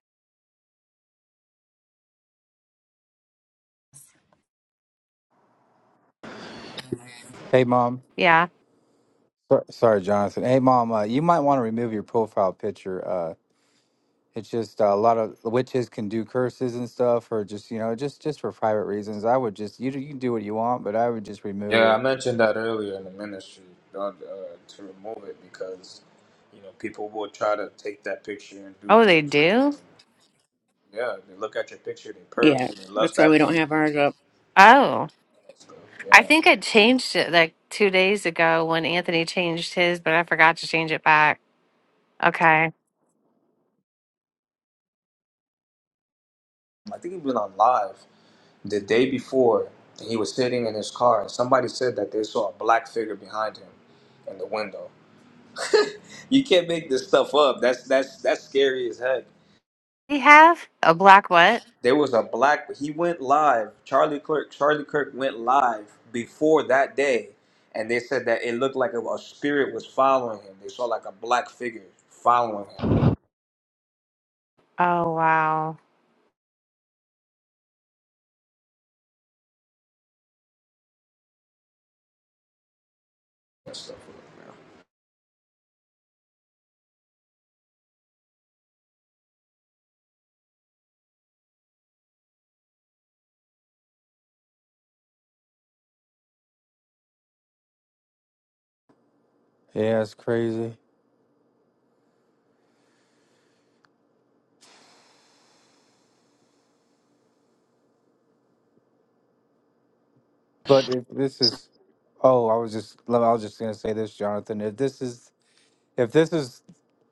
D: Hey mom.
C: Yeah.
D: So- Sorry, Jonathan. Hey mom, uh, you might want to remove your profile picture. Uh It's just a lot of witches can do curses and stuff, or just you know, just just for private reasons. I would just you do- you can do what you want, but I would just remove
B: Yeah, I
D: it.
B: mentioned that earlier in the ministry uh, uh, to remove it because you know people will try to take that picture and do
C: Oh, they
B: things with it.
C: do?
B: And, yeah, they look at your picture, they perv
F: Yeah.
B: you, they
F: That's
B: lust
F: why we
B: after
F: don't
B: you.
F: have ours up.
C: Oh.
B: and stuff.
C: I
B: Yeah,
C: think I changed it like two days ago when Anthony changed his, but I forgot to change it back. Okay.
B: I think he was on live the day before, and he was sitting in his car, and somebody said that they saw a black figure behind him in the window. You can't make this stuff up. That's that's that's scary as heck.
C: We have a black what?
B: There was a black. He went live. Charlie Kirk. Charlie Kirk went live before that day, and they said that it looked like a, a spirit was following him. They saw like a black figure following him
C: Oh, wow.
B: and stuff.
D: Yeah, it's crazy. But if this is, oh, I was just I was just gonna say this, Jonathan. If this is if this is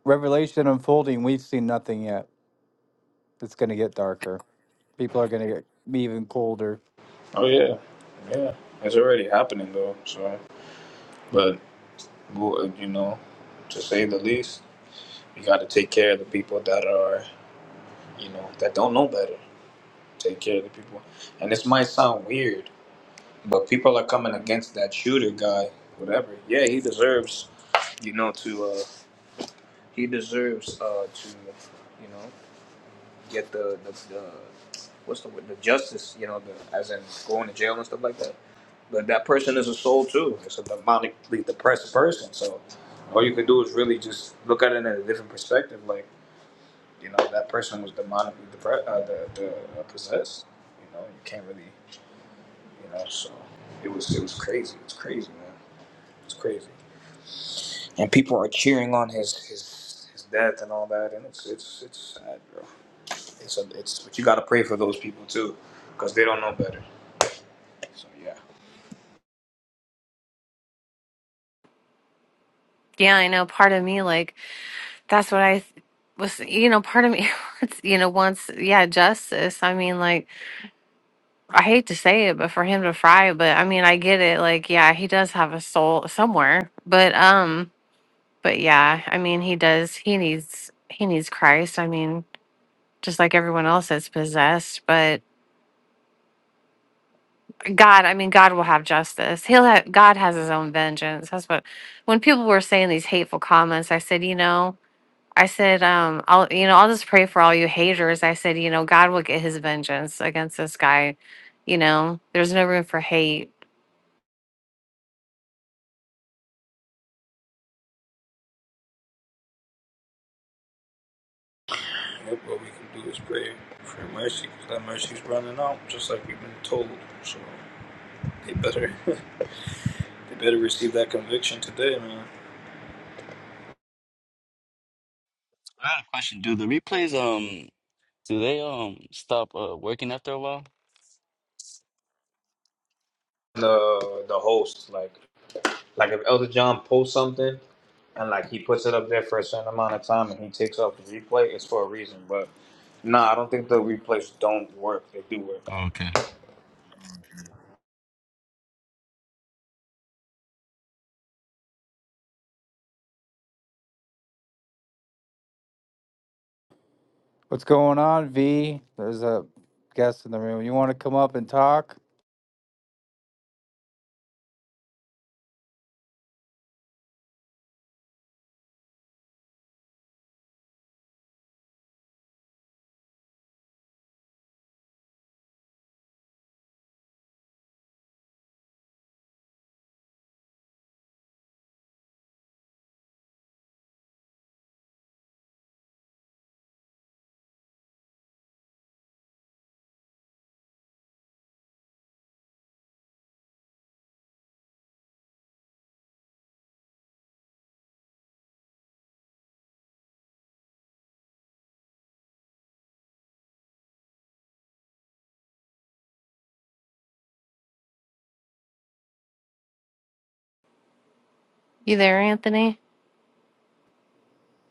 D: Revelation unfolding, we've seen nothing yet. It's gonna get darker. People are gonna get be even colder.
B: Oh yeah, yeah. It's already happening though. So, but well, you know, to say the least, you got to take care of the people that are, you know, that don't know better. Take care of the people. And this might sound weird, but people are coming against that shooter guy. Whatever. Yeah, he deserves, you know, to. uh, he deserves uh, to, you know, get the, the, the what's the word, the justice, you know, the, as in going to jail and stuff like that. But that person is a soul too. It's a demonically depressed person. So all you could do is really just look at it in a different perspective. Like, you know, that person was demonically depressed, uh, the, the, uh, possessed. You know, you can't really, you know, so it was it was crazy. It's crazy, man. It's crazy. And people are cheering on his his his death and all that, and it's it's it's sad, bro. It's a, it's but you gotta pray for those people too, because they don't know better. So yeah.
C: Yeah, I know. Part of me, like, that's what I th- was, you know, part of me, wants, you know, wants, yeah, justice. I mean, like, I hate to say it, but for him to fry, but I mean, I get it. Like, yeah, he does have a soul somewhere, but, um, but yeah, I mean, he does, he needs, he needs Christ. I mean, just like everyone else that's possessed, but God, I mean, God will have justice. He'll have, God has his own vengeance. That's what, when people were saying these hateful comments, I said, you know, I said, um, I'll, you know, I'll just pray for all you haters. I said, you know, God will get his vengeance against this guy. You know, there's no room for hate.
B: Yep, what we can do is pray for mercy, because that mercy's running out, just like we've been told. So they better they better receive that conviction today, man.
A: I got a question. Do the replays um do they um stop uh working after a while?
B: The the host, like like if Elder John posts something and like he puts it up there for a certain amount of time and he takes off the replay, it's for a reason. But nah, I don't think the replays don't work. They do work.
A: Oh, okay.
D: What's going on, V? There's a guest in the room. You want to come up and talk?
C: You there, Anthony?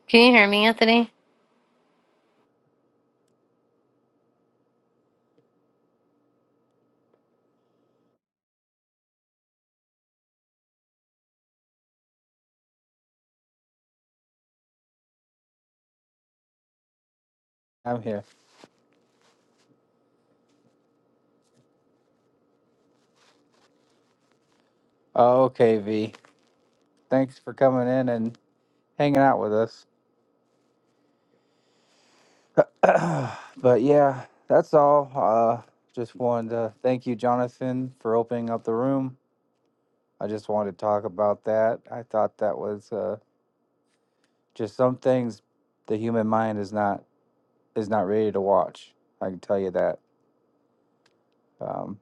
C: Can you hear me, Anthony?
D: I'm here. Oh, okay, V. Thanks for coming in and hanging out with us. But yeah, that's all. Uh, just wanted to thank you, Jonathan, for opening up the room. I just wanted to talk about that. I thought that was uh, just some things the human mind is not is not ready to watch. I can tell you that. Um,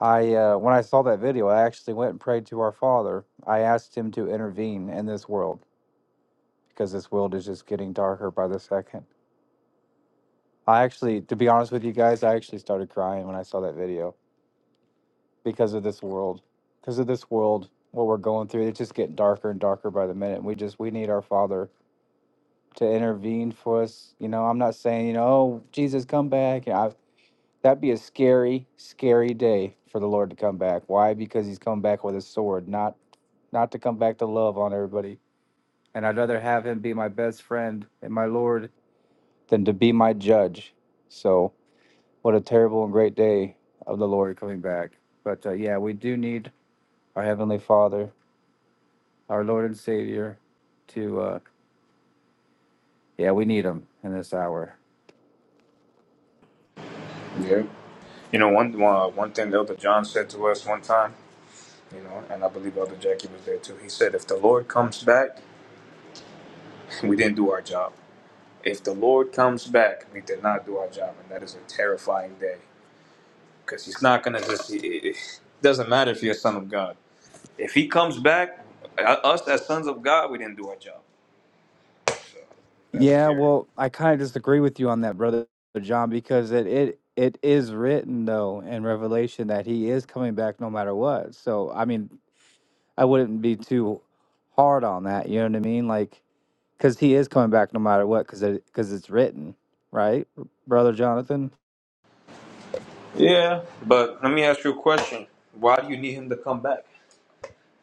D: I uh, when I saw that video, I actually went and prayed to our Father. I asked Him to intervene in this world because this world is just getting darker by the second. I actually, to be honest with you guys, I actually started crying when I saw that video. because of this world because of this world what we're going through it's just getting darker and darker by the minute we just we need our father to intervene for us you know i'm not saying you know oh jesus come back you know, I, that'd be a scary scary day for the lord to come back why because he's come back with a sword not not to come back to love on everybody and i'd rather have him be my best friend and my lord than to be my judge so what a terrible and great day of the lord coming back but uh, yeah we do need our heavenly father our Lord and Savior, to, uh, yeah, we need him in this hour.
B: Yeah. You know, one one, one thing Elder John said to us one time. you know, and I believe Elder Jackie was there too. He said, if the Lord comes back, we didn't do our job. If the Lord comes back, we did not do our job, and that is a terrifying day because He's not gonna just. It, it doesn't matter if you're a son of God. If He comes back, uh, us as sons of God, we didn't do our job. So that's
D: Yeah,
B: scary.
D: well, I kind of disagree with you on that, brother John, because it, it it is written though in Revelation that he is coming back no matter what. So I mean, I wouldn't be too hard on that. You know what I mean? Like, because he is coming back no matter what, because it, because it's written, right, brother Jonathan?
B: Yeah, but let me ask you a question. Why do you need Him to come back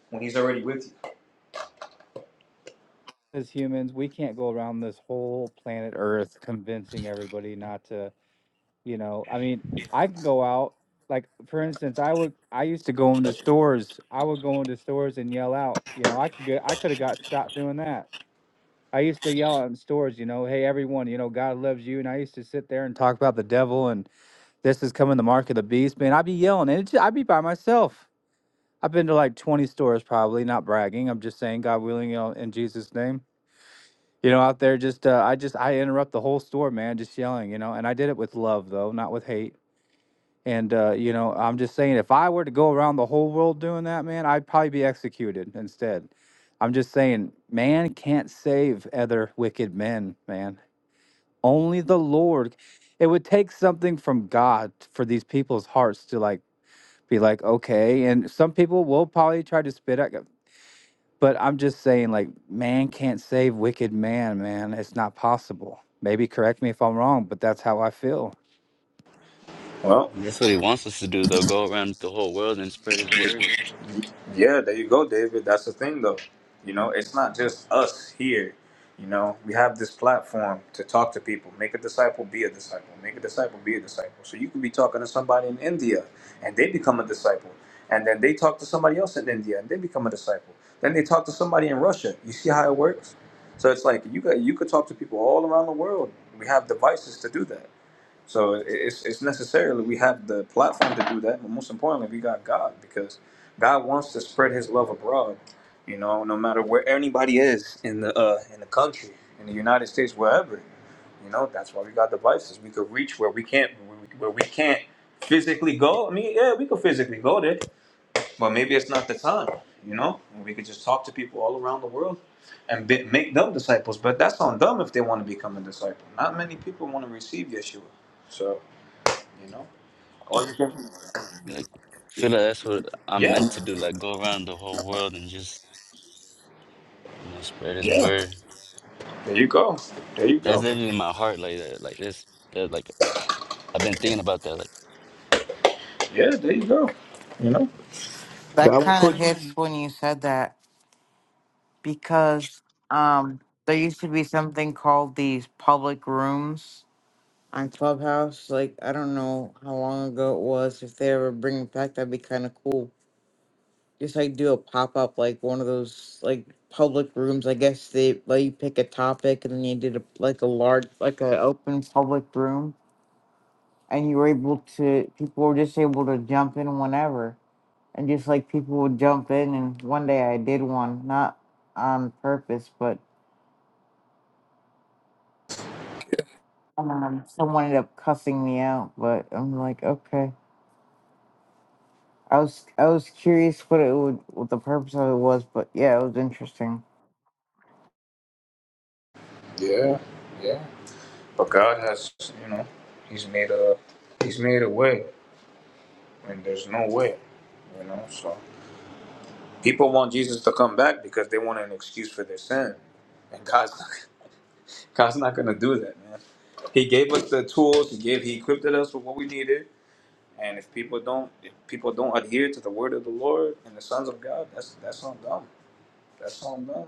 B: when He's already with you?
D: As humans, we can't go around this whole planet Earth convincing everybody not to You know, I mean, I can go out. Like for instance, I would I used to go into stores. I would go into stores and yell out. You know, I could get I could have got shot doing that. I used to yell out in stores. You know, hey everyone, you know God loves you. And I used to sit there and talk about the devil and this is coming the mark of the beast. Man, I'd be yelling and it, I'd be by myself. I've been to like 20 stores probably. Not bragging. I'm just saying, God willing, you know, in Jesus' name you know, out there just uh, I just I interrupt the whole store, man, just yelling, you know, and I did it with love though, not with hate. And uh, you know, I'm just saying, if I were to go around the whole world doing that, man, I'd probably be executed instead. I'm just saying, man can't save other wicked men, man. Only the Lord. It would take something from God for these people's hearts to like be like, okay. And some people will probably try to spit at but I'm just saying, like, man can't save wicked man, man. It's not possible. Maybe correct me if I'm wrong, but that's how I feel.
B: Well,
A: That's what he wants us to do though, go around the whole world and spread his word.
B: Yeah, there you go, David. That's the thing, though. You know, it's not just us here. You know, we have this platform to talk to people. Make a disciple, be a disciple. Make a disciple, be a disciple. So you could be talking to somebody in India, and they become a disciple, and then they talk to somebody else in India, and they become a disciple. Then they talk to somebody in Russia. You see how it works? So it's like you got you could talk to people all around the world. We have devices to do that. So it's it's necessarily we have the platform to do that, but most importantly, we got God because God wants to spread His love abroad. You know, no matter where anybody is in the uh, in the country, in the United States, wherever. You know, that's why we got devices. We could reach where we can't where we where we can't physically go. I mean, yeah, we could physically go there, but maybe it's not the time. You know, and we could just talk to people all around the world and be, make them disciples. But that's on them if they want to become a disciple. Not many people want to receive Yeshua. So. You know, or you can,
A: Like I feel like that's what I'm
B: yeah,
A: meant to do, like go around the whole world and just, you know, spread his
B: yeah.
A: word.
B: There you go. There you
A: That's
B: go.
A: it in my heart like that. Like this that like I've been thinking about that. Like
B: Yeah, there you go. You know,
E: That
B: God will
E: kind of
B: put.
E: hits when you said that because um, there used to be something called these public rooms on Clubhouse. Like I don't know how long ago it was. If they ever bring it back, that'd be kind of cool just like do a pop up like one of those like public rooms. I guess they let you pick a topic and then you did a like a large like a open public room and you were able to people were just able to jump in whenever and just like people would jump in and one day I did one not on purpose but um, someone ended up cussing me out but I'm like okay I was I was curious what it would what the purpose of it was but yeah it was interesting
B: Yeah, yeah. But God has, you know, He's made a, He's made a way when there's no way. You know, so people want Jesus to come back because they want an excuse for their sin, and God's not, God's not gonna do that, man. He gave us the tools. He gave. He equipped us with what we needed. And if people don't, if people don't adhere to the word of the Lord and the sons of God, that's that's on them. That's on that.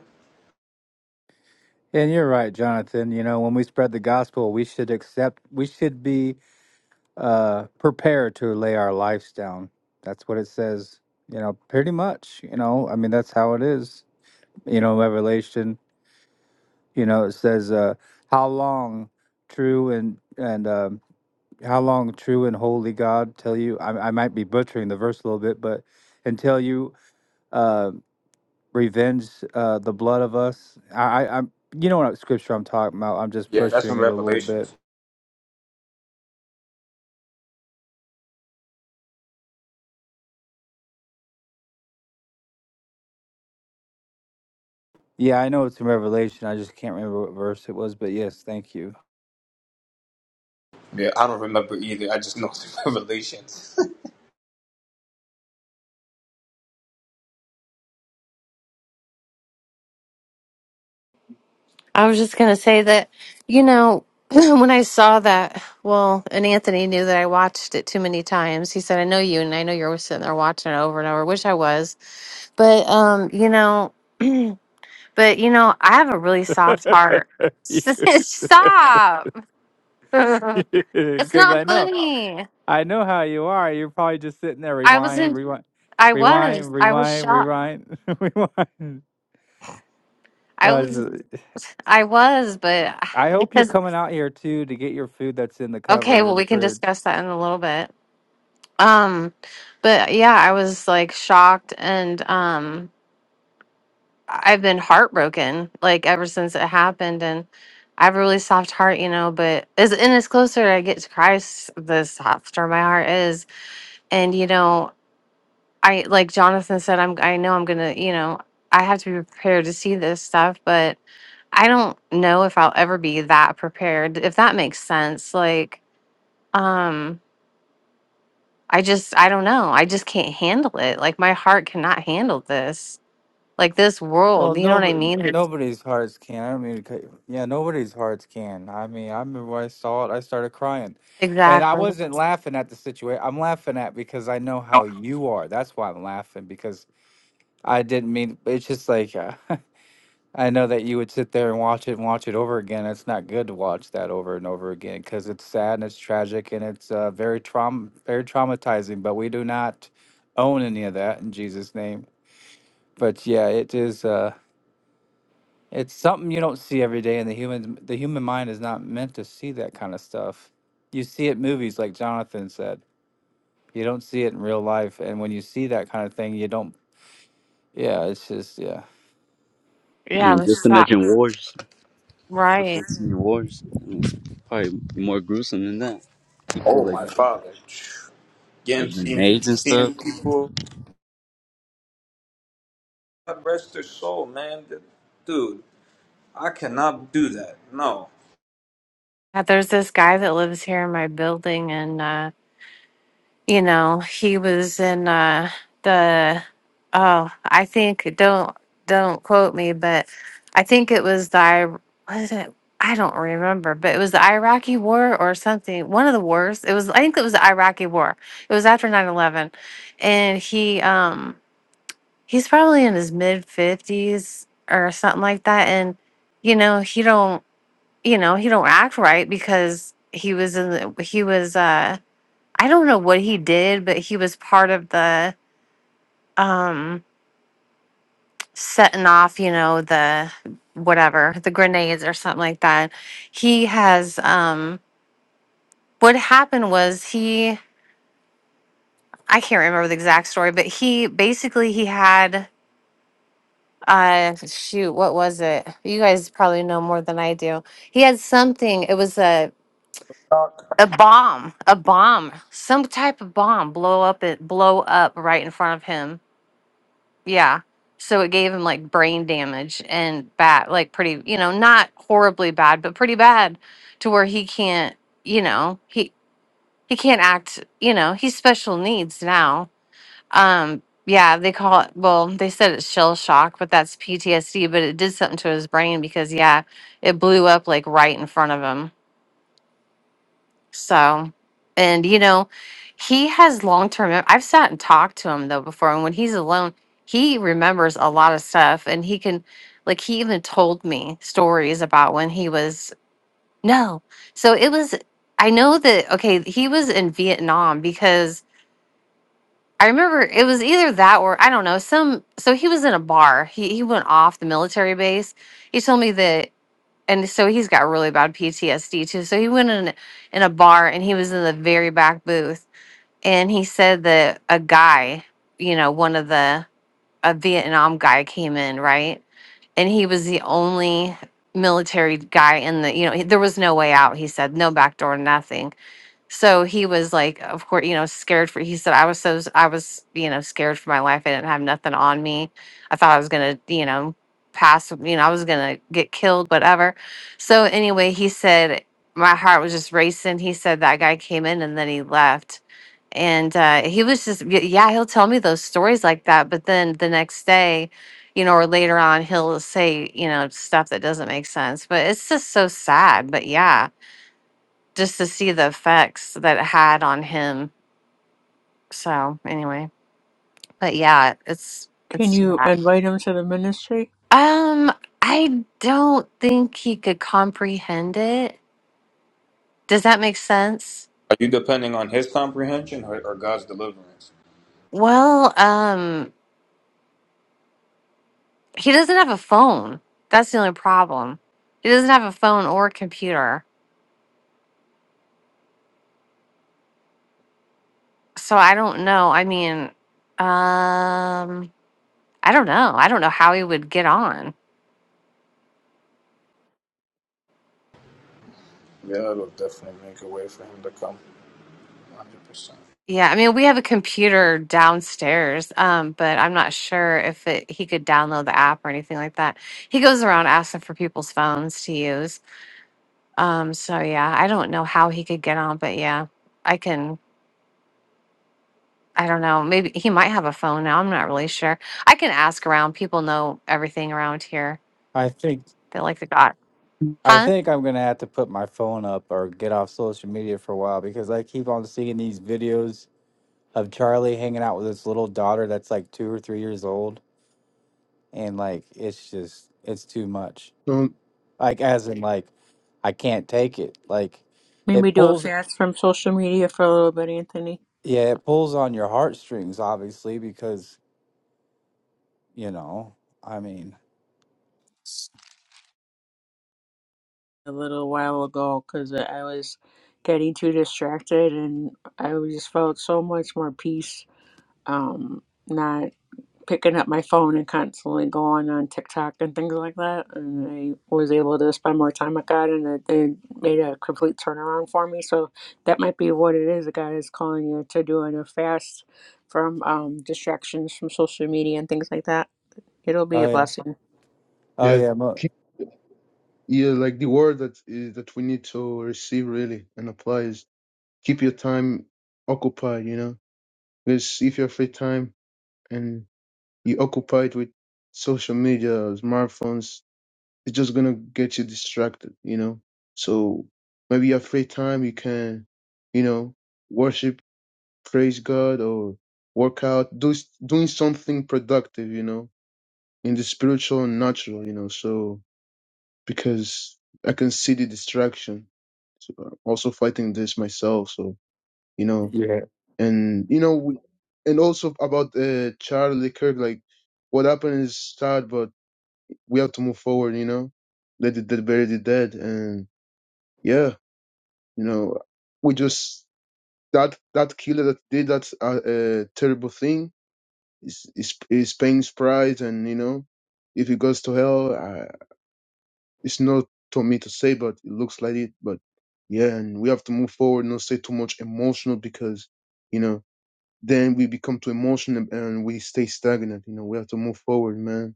D: And you're right, Jonathan. You know, when we spread the gospel, we should accept, we should be uh, prepared to lay our lives down. That's what it says, you know, pretty much. You know, I mean, that's how it is. You know, Revelation, you know, it says, uh, how long true and, and, um, how long true and holy God till you, I, I might be butchering the verse a little bit, but until you, uh, revenge, uh, the blood of us. I, I, I'm, you know what scripture I'm talking about. I'm just
B: Yeah, that's in
D: butchering it a little bit
B: Revelations.
D: Yeah, I know it's in Revelation. I just can't remember what verse it was, but yes, thank you.
B: Yeah, I don't remember either. I just know it's in Revelations.
C: I was just going to say that, you know, when I saw that, well, and Anthony knew that I watched it too many times. He said, I know you, and I know you're always sitting there watching it over and over, which I was But um, you know, but you know, I have a really soft heart. Stop. it's
D: Because
C: not
D: I know,
C: funny.
D: I know how you are. You're probably just sitting there,
C: I was
D: rewind,
C: in
D: rewind,
C: I was.
D: rewind,
C: I was
D: rewind,
C: shocked.
D: rewind, rewind.
C: I
D: Uh,
C: was
D: s-
C: I was, but
D: I hope you're
C: because
D: coming out here too to get your food that's in the
C: okay,
D: cupboard
C: well
D: in the
C: we can
D: fridge.
C: discuss that in a little bit. Um but yeah, I was like shocked and um I've been heartbroken like ever since it happened and I have a really soft heart, you know, but as and as closer I get to Christ, the softer my heart is. And you know, I like Jonathan said, I'm I know I'm gonna, you know, I have to be prepared to see this stuff, but I don't know if I'll ever be that prepared, if that makes sense. Like, um, I just I don't know. I just can't handle it. Like my heart cannot handle this. Like this
D: Well,
C: world, you know what I
D: nobody,
C: mean? It's-
D: nobody's hearts can. I don't mean, to cut you- yeah, nobody's hearts can. I mean, I remember when I saw it, I started crying, and I
C: Exactly.
D: wasn't laughing at the situation. I'm laughing at because I know how you are. That's why I'm laughing because I didn't mean. It's just like uh, I know that you would sit there and watch it and watch it over again. It's not good to watch that over and over again because it's sad and it's tragic and it's uh, very traum very traumatizing. But we do not own any of that in Jesus' name. But yeah, it is. Uh, It's something you don't see every day, and the human the human mind is not meant to see that kind of stuff. You see it in movies, like Jonathan said. You don't see it in real life, and when you see that kind of thing, you don't. Yeah, it's just yeah.
A: I
C: Yeah,
A: mean
C: we're
A: just
C: shocked.
A: imagine wars. What's
C: Right.
A: this in wars? I mean, it's probably more gruesome than that. People
B: Oh
A: like
B: my father.
A: like
B: Again, seeing,
A: grenades and
B: seeing
A: stuff.
B: people God rest their soul, man. Dude, I cannot do that. No.
C: Uh, There's this guy that lives here in my building, and uh, you know, he was in uh, the oh, I think don't don't quote me, but I think it was the I- was it I don't remember, but it was the Iraqi war or something. One of the wars. It was I think it was the Iraqi war. It was after 9/11, and he um he's probably in his mid 50s or something like that, and you know, he don't. you know he don't act right because he was in the he was uh i don't know what he did but he was part of the um setting off you know the whatever the grenades or something like that he has um what happened was he i can't remember the exact story but he basically he had uh shoot what was it you guys probably know more than i do he had something it was a a bomb, a bomb, some type of bomb blow up it blow up right in front of him. Yeah. So it gave him like brain damage and bad, like pretty, you know, not horribly bad, but pretty bad to where he can't, you know, he he can't act, you know, he's special needs now. Um yeah, they call it well, they said it's shell shock, but that's PTSD, but it did something to his brain because yeah, it blew up like right in front of him So, and you know, he has long term. mem- I've sat and talked to him though before, and when he's alone, he remembers a lot of stuff, and he can, like, he even told me stories about when he was no. So it was. I know that okay, he was in Vietnam because I remember it was either that or I don't know some. So he was in a bar. He he went off the military base. He told me that and so he's got really bad PTSD too. So he went in in a bar and he was in the very back booth and he said that a guy, you know, one of the a Vietnam guy came in, right? And he was the only military guy in the, you know, he- there was no way out. He said no back door, nothing so he was like, of course, you know, scared for. He said, I was so, I was, you know, scared for my life. I didn't have nothing on me. I thought I was gonna, you know, pass. You know, I was gonna get killed, whatever. So anyway, he said my heart was just racing. He said that guy came in and then he left, and uh, he was just, y- yeah, he'll tell me those stories like that. But then the next day, you know, or later on, he'll say, you know, stuff that doesn't make sense. But it's just so sad. But yeah just to see the effects that it had on him. So anyway, but yeah, it's
F: Can
C: it's too
F: you
C: bad.
F: invite him to the ministry?
C: Um, I don't think he could comprehend it. Does that make sense?
B: Are you depending on his comprehension or, or God's deliverance?
C: Well, um, he doesn't have a phone. That's the only problem. He doesn't have a phone or a computer. So I don't know. I mean, um, I don't know. I don't know how he would get on.
B: Yeah, it'll definitely make a way for him to come 100%.
C: Yeah, I mean, we have a computer downstairs, um, but I'm not sure if it, he could download the app or anything like that. He goes around asking for people's phones to use. Um, so yeah, I don't know how he could get on, but yeah, I can. I don't know. Maybe he might have a phone now. I'm not really sure. I can ask around. People know everything around here.
D: I think
C: They like the dot,
D: I
C: huh?
D: think I'm gonna have to put my phone up or get off social media for a while because I keep on seeing these videos of Charlie hanging out with his little daughter that's like two or three years old, and like it's just it's too much.
H: So
D: Like as in like I can't take it. Like
F: Maybe
D: it
F: do a
D: pulls
F: fast from social media for a little bit, Anthony.
D: Yeah, it pulls on your heartstrings, obviously, because you know. I mean,
F: A little while ago, because I was getting too distracted, and I just felt so much more peace. Um, not picking up my phone and constantly going on TikTok and things like that, and I was able to spend more time with God, and it, it made a complete turnaround for me. So that might be what it is. God is calling you to doing a fast from um, distractions from social media and things like that. It'll be
D: oh
F: a
D: yeah,
F: blessing.
D: oh
H: yeah,
D: yeah, mo-
H: keep, yeah, like the word that is, that we need to receive really and apply is keep your time occupied. You know, because if you have free time and you occupy it with social media, smartphones, it's just gonna get you distracted. You know, so maybe you have free time, you can, you know, worship, praise God, or work out, do doing something productive. You know, in the spiritual and natural. You know, so because I can see the distraction. So I'm also fighting this myself. So you know,
D: yeah,
H: and you know, we, and also about uh, Charlie Kirk, like what happened is sad, but we have to move forward. You know, let the dead bury the dead, and yeah, you know, we just that that killer that did that uh, uh, terrible thing is is is paying his price, and you know, if he goes to hell, I, It's not to me to say, but it looks like it. But yeah, and we have to move forward, not stay too much emotional because, you know, then we become too emotional and we stay stagnant. You know, we have to move forward, man.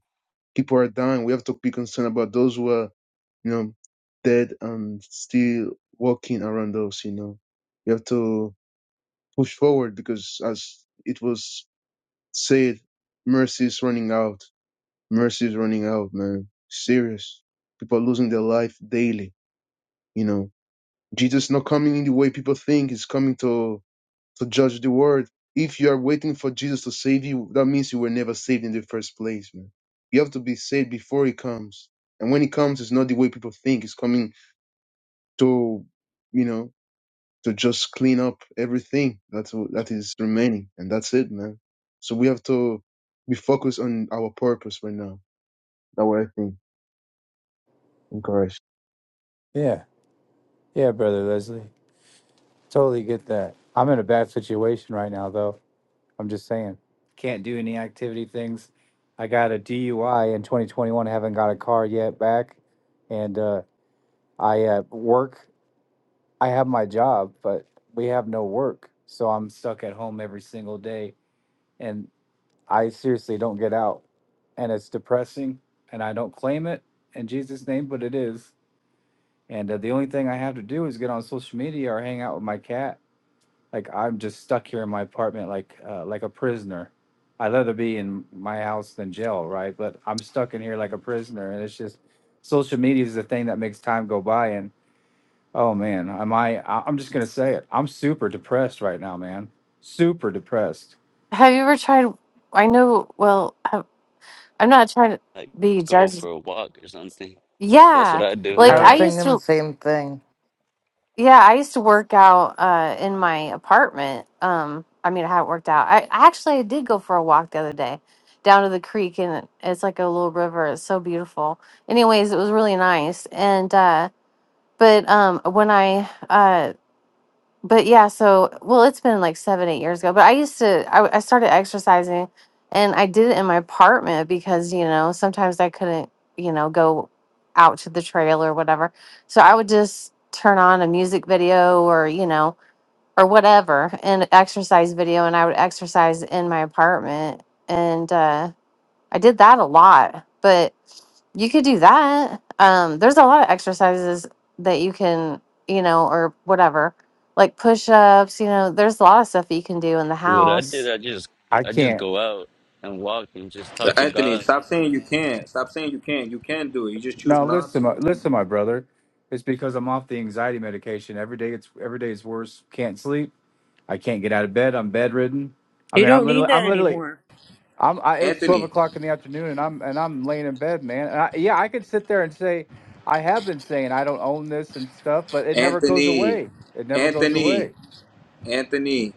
H: People are dying. We have to be concerned about those who are, you know, dead and still walking around us, you know. We have to push forward because as it was said, mercy is running out. Mercy is running out, man. Serious. People are losing their life daily, you know Jesus not coming in the way people think. He's coming to to judge the world. If you are waiting for Jesus to save you, that means you were never saved in the first place, man. You have to be saved before he comes. And when he comes, it's not the way people think. It's coming to, you know, to just clean up everything that's that is remaining, and that's it, man. So we have to be focused on our purpose right now. That's what I think. In Christ.
D: yeah, yeah, brother Leslie, totally get that. I'm in a bad situation right now, though. I'm just saying, can't do any activity things. I got a DUI in 2021. Haven't got a car yet back, and uh, I uh, work. I have my job, but we have no work, so I'm stuck at home every single day. and. I seriously don't get out. And it's depressing. And I don't claim it in Jesus' name, but it is. And uh, the only thing I have to do is get on social media or hang out with my cat. Like I'm just stuck here in my apartment, like uh, like a prisoner. I'd rather be in my house than jail, right? But I'm stuck in here like a prisoner, and it's just social media is the thing that makes time go by. And oh man, am I? I- I'm just gonna say it. I'm super depressed right now, man. Super depressed.
C: Have you ever tried? I know. Well, have, I'm not trying to
A: Like
C: be
A: go for
C: judged.
A: a walk or something. That's what
C: Yeah,
A: I do.
C: like
E: I was
C: I
B: Yeah.
C: used
E: thinking the
C: to.
E: same thing.
C: Yeah, I used to work out uh in my apartment. Um I mean I haven't worked out. I, I actually I did go for a walk the other day down to the creek and it's like a little river. It's so beautiful. Anyways, it was really nice. And uh but um when I uh but yeah, so well, it's been like seven, eight years ago. But I used to, I, I started exercising, and I did it in my apartment because you know sometimes I couldn't, you know, go out to the trail or whatever. So I would just turn on a music video or you know or whatever, an exercise video, and I would exercise in my apartment. And uh, I did that a lot, but you could do that. Um, there's a lot of exercises that you can, you know, or whatever, like push ups, you know, there's a lot of stuff that you can do in the
A: What I did,
C: house.
A: I just
D: I
A: I just
D: can't.
A: go out and walk and just talk
B: But
A: to
B: Anthony,
A: God.
B: stop saying you can't. Stop saying you can't. You can do it. You just choose
D: Now
B: not
D: listen, my,
B: to.
D: listen, my brother. It's because I'm off the anxiety medication. Every day it's every day is worse. Can't sleep. I can't get out of bed. I'm bedridden. I
F: You
D: mean, I'm
F: don't need
D: literally, I'm
F: that
D: literally,
F: anymore.
D: I'm. I, it's twelve
B: Anthony,
D: o'clock in the afternoon, and I'm and I'm laying in bed, man. And I, yeah, I could sit there and say I have been saying I don't own this and stuff, but it never goes
B: Anthony,
D: away. It never goes
B: Anthony.
D: away.
B: Anthony,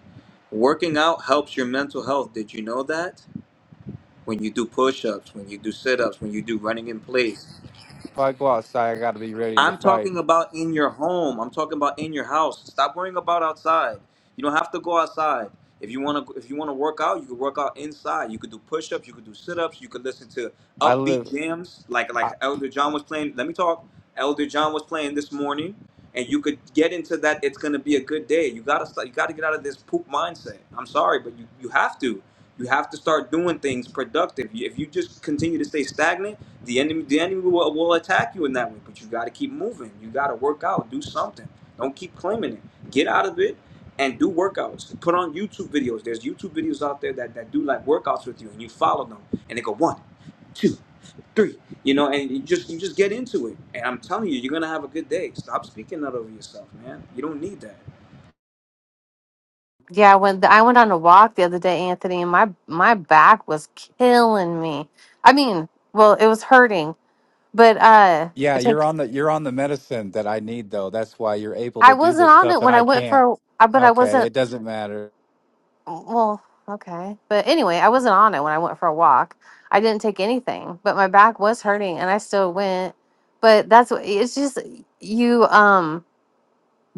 B: working out helps your mental health. Did you know that? When you do push ups, when you do sit ups, when you do running in place,
D: If I go outside, I got to be ready to
B: I'm
D: fight.
B: talking about in your home. I'm talking about in your house. Stop worrying about outside. You don't have to go outside. If you want to if you want to work out, you can work out inside. You could do push-ups, you could do sit-ups, you could listen to
D: I live.
B: upbeat jams like
D: I,
B: like Elder John was playing. Let me talk. Elder John was playing this morning and you could get into that it's going to be a good day. You got to start, you got to get out of this poop mindset. I'm sorry, but you you have to. You have to start doing things productive. If you just continue to stay stagnant, the enemy, the enemy will, will attack you in that way, but you got to keep moving. You got to work out, do something. Don't keep claiming it. Get out of it and do workouts. Put on YouTube videos. There's YouTube videos out there that, that do like workouts with you, and you follow them, and they go one, two, three. You know, and you just you just get into it. And I'm telling you, you're gonna have a good day. Stop speaking that over yourself, man. You don't need that.
C: Yeah, when I went on a walk the other day, Anthony, and my my back was killing me. I mean, well, it was hurting, but uh,
D: Yeah,
C: I
D: you're
C: take
D: on the you're on the medicine that I need though. That's why you're able
C: I
D: to do
C: wasn't
D: this
C: on
D: stuff
C: it
D: and
C: when I
D: I
C: went
D: can't.
C: for, a- I- but I wasn't
D: Okay, it doesn't matter.
C: Oh, well, okay. But anyway, I wasn't on it when I went for a walk. I didn't take anything, but my back was hurting and I still went. But that's what it's just you um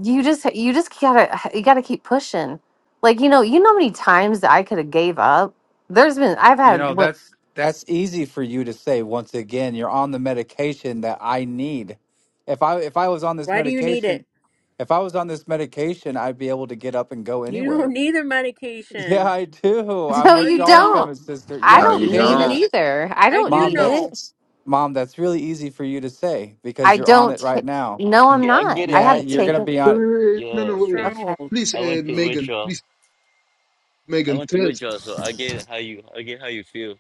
C: you just you just gotta you gotta keep pushing. Like, you know, you know how many times that I could have gave up? There's been I've
D: You
C: had
D: know,
C: what
D: that's that's easy for you to say once again. You're on the medication that I need. If I if I was on this
F: Why do you need
D: medication,
F: it?
D: if I was on this medication, I'd be able to get up and go
F: You don't
D: anywhere.
F: need the
D: Yeah,
F: medication.
D: I do. I'm
C: no
F: No,
C: you
F: you
D: withdrawing from
F: don't.
C: don't.
D: it, sister.
C: I
D: Yeah,
B: No,
C: don't
B: you
D: Tammy,
C: need it
D: that
B: don't.
C: either. I
F: I
C: don't
F: do
D: mom,
C: need
D: that's
F: know
C: it.
D: mom, that's really easy for you to say
C: I
D: because you're on
C: don't
D: it
C: ta-
D: right now.
C: no I'm
A: I
C: not.
A: get it,
C: I
D: Yeah,
C: haven't
D: you're going to
A: Anthony.
C: taken
D: be
H: Wait,
D: on it.
H: wait, wait. No,
A: Yeah,
F: the
H: no, wait.
A: because
C: okay.
F: stronghold.
H: Please,
A: I
H: uh,
A: went through
H: Megan.
A: withdrawal.
H: Please,
A: I
H: Megan,
A: went through
H: tell us.
A: withdrawal, so I get how you I get how you feel.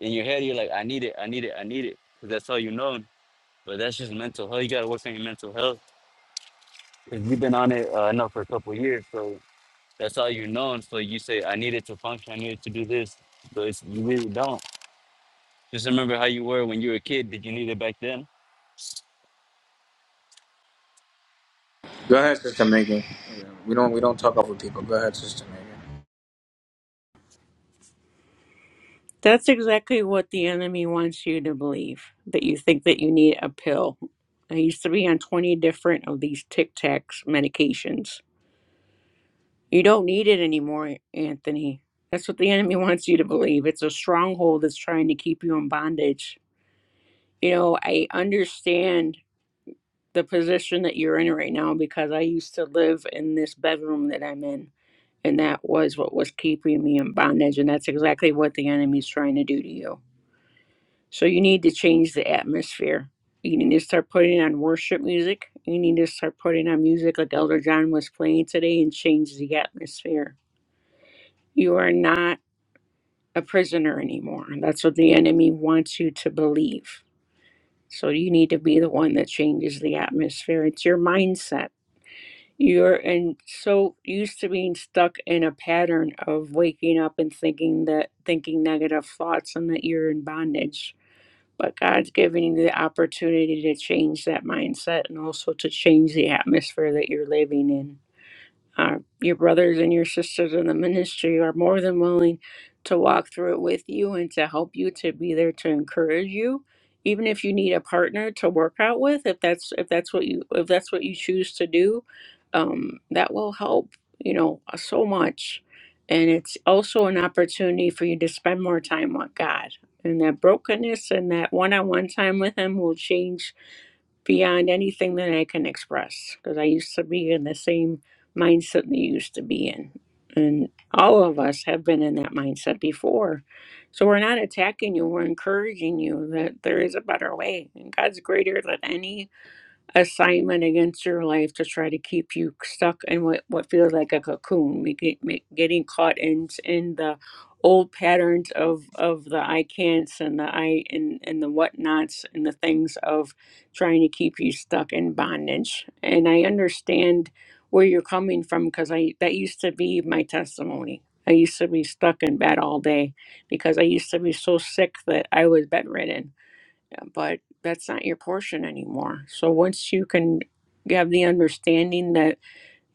A: In your head, you're like, I need it, I need it, I need it. 'Cause that's all you know. But that's just mental health. You gotta work on your mental health. Cause you've been on it uh, I know for a couple of years, so that's all you know. So you say, I need it to function. I need it to do this. But it's, you really don't. Just remember how you were when you were a kid. Did you need it back then?
B: Go ahead, Sister Megan. Yeah, We don't we don't talk over people. Go ahead, Sister Megan.
F: That's exactly what the enemy wants you to believe that you think that you need a pill. I used to be on 20 different of these Tic Tacs medications. You don't need it anymore, Anthony. That's what the enemy wants you to believe. It's a stronghold that's trying to keep you in bondage. You know, I understand the position that you're in right now because I used to live in this bedroom that I'm in. And that was what was keeping me in bondage. And that's exactly what the enemy's trying to do to you. So you need to change the atmosphere. You need to start putting on worship music. You need to start putting on music like Elder John was playing today and change the atmosphere. You are not a prisoner anymore. That's what the enemy wants you to believe. So you need to be the one that changes the atmosphere. It's your mindset You're in so used to being stuck in a pattern of waking up and thinking that thinking negative thoughts and that you're in bondage. But God's giving you the opportunity to change that mindset and also to change the atmosphere that you're living in uh, your brothers and your sisters in the ministry are more than willing to walk through it with you and to help you to be there to encourage you even if you need a partner to work out with if that's if that's what you if that's what you choose to do um, that will help you know so much and it's also an opportunity for you to spend more time with god and that brokenness and that one-on-one time with him will change beyond anything that I can express because I used to be in the same mindset that you used to be in. And all of us have been in that mindset before. So we're not attacking you, we're encouraging you that there is a better way. And God's greater than any assignment against your life to try to keep you stuck in what, what feels like a cocoon, making, make, getting caught in in the old patterns of of the I can'ts and the I and and the whatnots and the things of trying to keep you stuck in bondage. And I understand where you're coming from because I that used to be my testimony. I used to be stuck in bed all day because I used to be so sick that I was bedridden but that's not your portion anymore. So once you can have the understanding that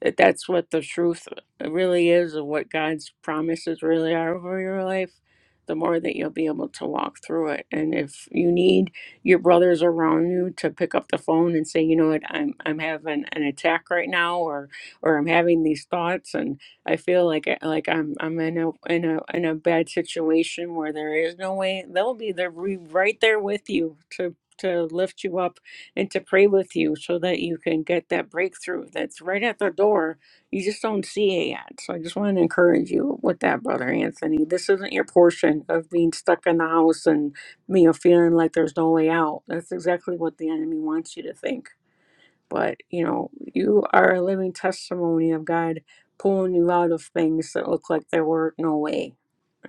F: that that's what the truth really is and what God's promises really are over your life, the more that you'll be able to walk through it. And if you need your brothers around you to pick up the phone and say, you know what, I'm I'm having an attack right now, or or I'm having these thoughts, and I feel like I- like I'm I'm in a in a in a bad situation where there is no way, they'll be there re- right there with you to to lift you up and to pray with you so that you can get that breakthrough that's right at the door. You just don't see it yet. So I just want to encourage you with that, Brother Anthony. This isn't your portion of being stuck in the house and you know feeling like there's no way out. That's exactly what the enemy wants you to think. But you know, you are a living testimony of God pulling you out of things that look like there were no way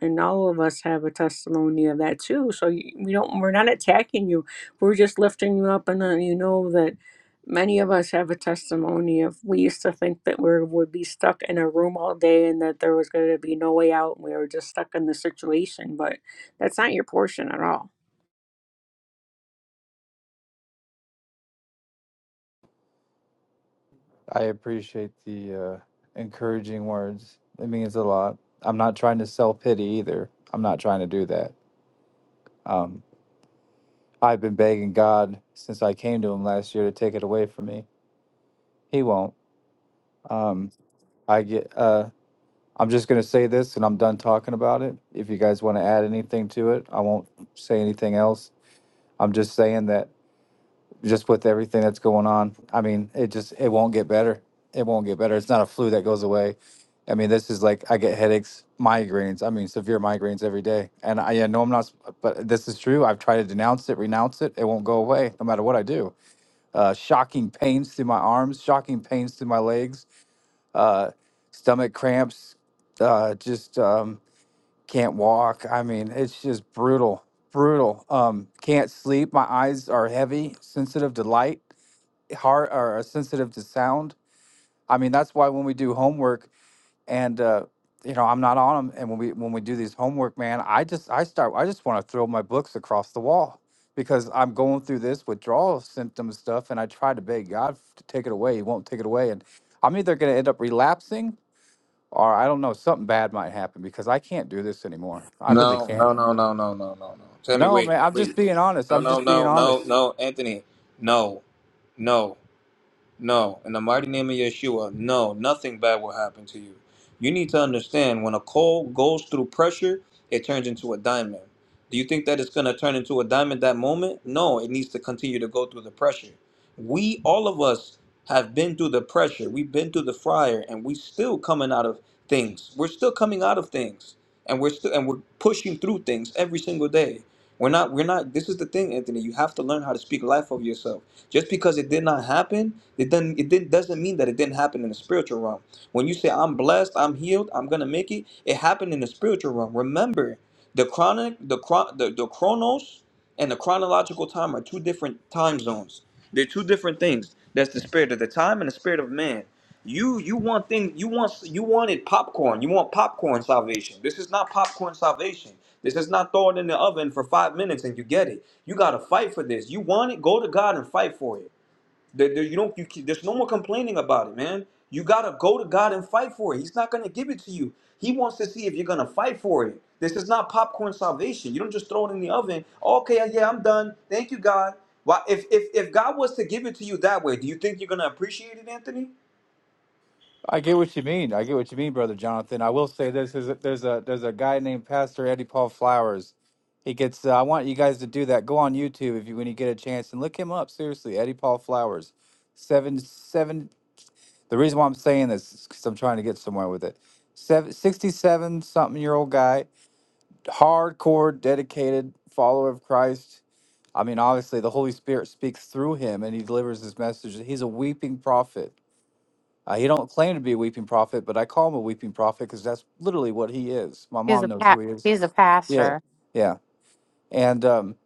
F: and all of us have a testimony of that too. So y- we don't we're not attacking you. We're just lifting you up and then you know that many of us have a testimony of we used to think that we would be stuck in a room all day and that there was going to be no way out and we were just stuck in the situation, but that's not your portion at all.
D: I appreciate the uh, encouraging words. It means a lot. I'm not trying to self pity either. I'm not trying to do that. Um, I've been begging God since I came to Him last year to take it away from me. He won't. Um, I get. Uh, I'm just gonna say this, and I'm done talking about it. If you guys want to add anything to it, I won't say anything else. I'm just saying that just with everything that's going on. I mean, it just it won't get better. It won't get better. It's not a flu that goes away. I mean, this is like I get headaches, migraines. I mean, severe migraines every day. And I, I know I'm not, but this is true. I've tried to denounce it, renounce it. It won't go away, no matter what I do. Uh, shocking pains through my arms, shocking pains through my legs, uh, stomach cramps. Uh, just um, can't walk. I mean, it's just brutal, brutal. Um, can't sleep. My eyes are heavy, sensitive to light hard or uh, sensitive to sound. I mean, that's why when we do homework and uh, you know I'm not on them, and when we when we do these homework, man, I just I start I just want to throw my books across the wall because I'm going through this withdrawal symptom stuff, and I try to beg God to take it away. He won't take it away, and I'm either going to end up relapsing or I don't know something bad might happen because I can't do this anymore. I really
B: No,
D: can't.
B: no, no, no, no, no, no, no. Tell me,
D: No,
B: wait,
D: man, I'm
B: wait.
D: just being honest.
B: No,
D: I'm
B: no,
D: just being
B: no, no,
D: honest.
B: no, Anthony. No, no. No, in the mighty name of Yeshua, no, nothing bad will happen to you. You need to understand when a coal goes through pressure, it turns into a diamond. Do you think that it's going to turn into a diamond that moment? No, it needs to continue to go through the pressure. We, all of us, have been through the pressure. We've been through the fryer, and we still coming out of things. We're still coming out of things, and we're still and we're pushing through things every single day. We're not. We're not. This is the thing, Anthony. You have to learn how to speak life over yourself. Just because it did not happen, it doesn't it didn't, doesn't mean that it didn't happen in the spiritual realm. When you say I'm blessed, I'm healed, I'm gonna make it, it happened in the spiritual realm. Remember, the chronic, the chron- the, the chronos and the chronological time are two different time zones. They're two different things. That's the spirit of the time and the spirit of man. You you want things you want you wanted popcorn. You want popcorn salvation. This is not popcorn salvation. This is not throw it in the oven for five minutes and you get it. You gotta fight for this. You want it, go to God and fight for it. There, there- you don't, you, there's no more complaining about it, man. You gotta go to God and fight for it. He's not gonna give it to you. He wants to see if you're gonna fight for it. This is not popcorn salvation. You don't just throw it in the oven. Okay, yeah, yeah, I'm done. Thank you, God. Why, if, if if God was to give it to you that way, do you think you're gonna appreciate it, Anthony?
D: I get what you mean. I get what you mean, brother Jonathan. I will say this: is there's a there's a guy named Pastor Eddie Paul Flowers. He gets. Uh, I want you guys to do that. Go on YouTube if you when you get a chance and look him up. Seriously, Eddie Paul Flowers, seven seven. The reason why I'm saying this is because I'm trying to get somewhere with it. Seven sixty seven something year old guy, hardcore, dedicated follower of Christ. I mean, obviously, the Holy Spirit speaks through him and he delivers his message. He's a weeping prophet uh, he don't claim to be a weeping prophet, but I call him a weeping prophet because that's literally what he is. My
C: He's
D: mom
C: a
D: knows
C: pa-
D: who he is.
C: he's a
D: Yeah,
C: pastor.
D: yeah. And um,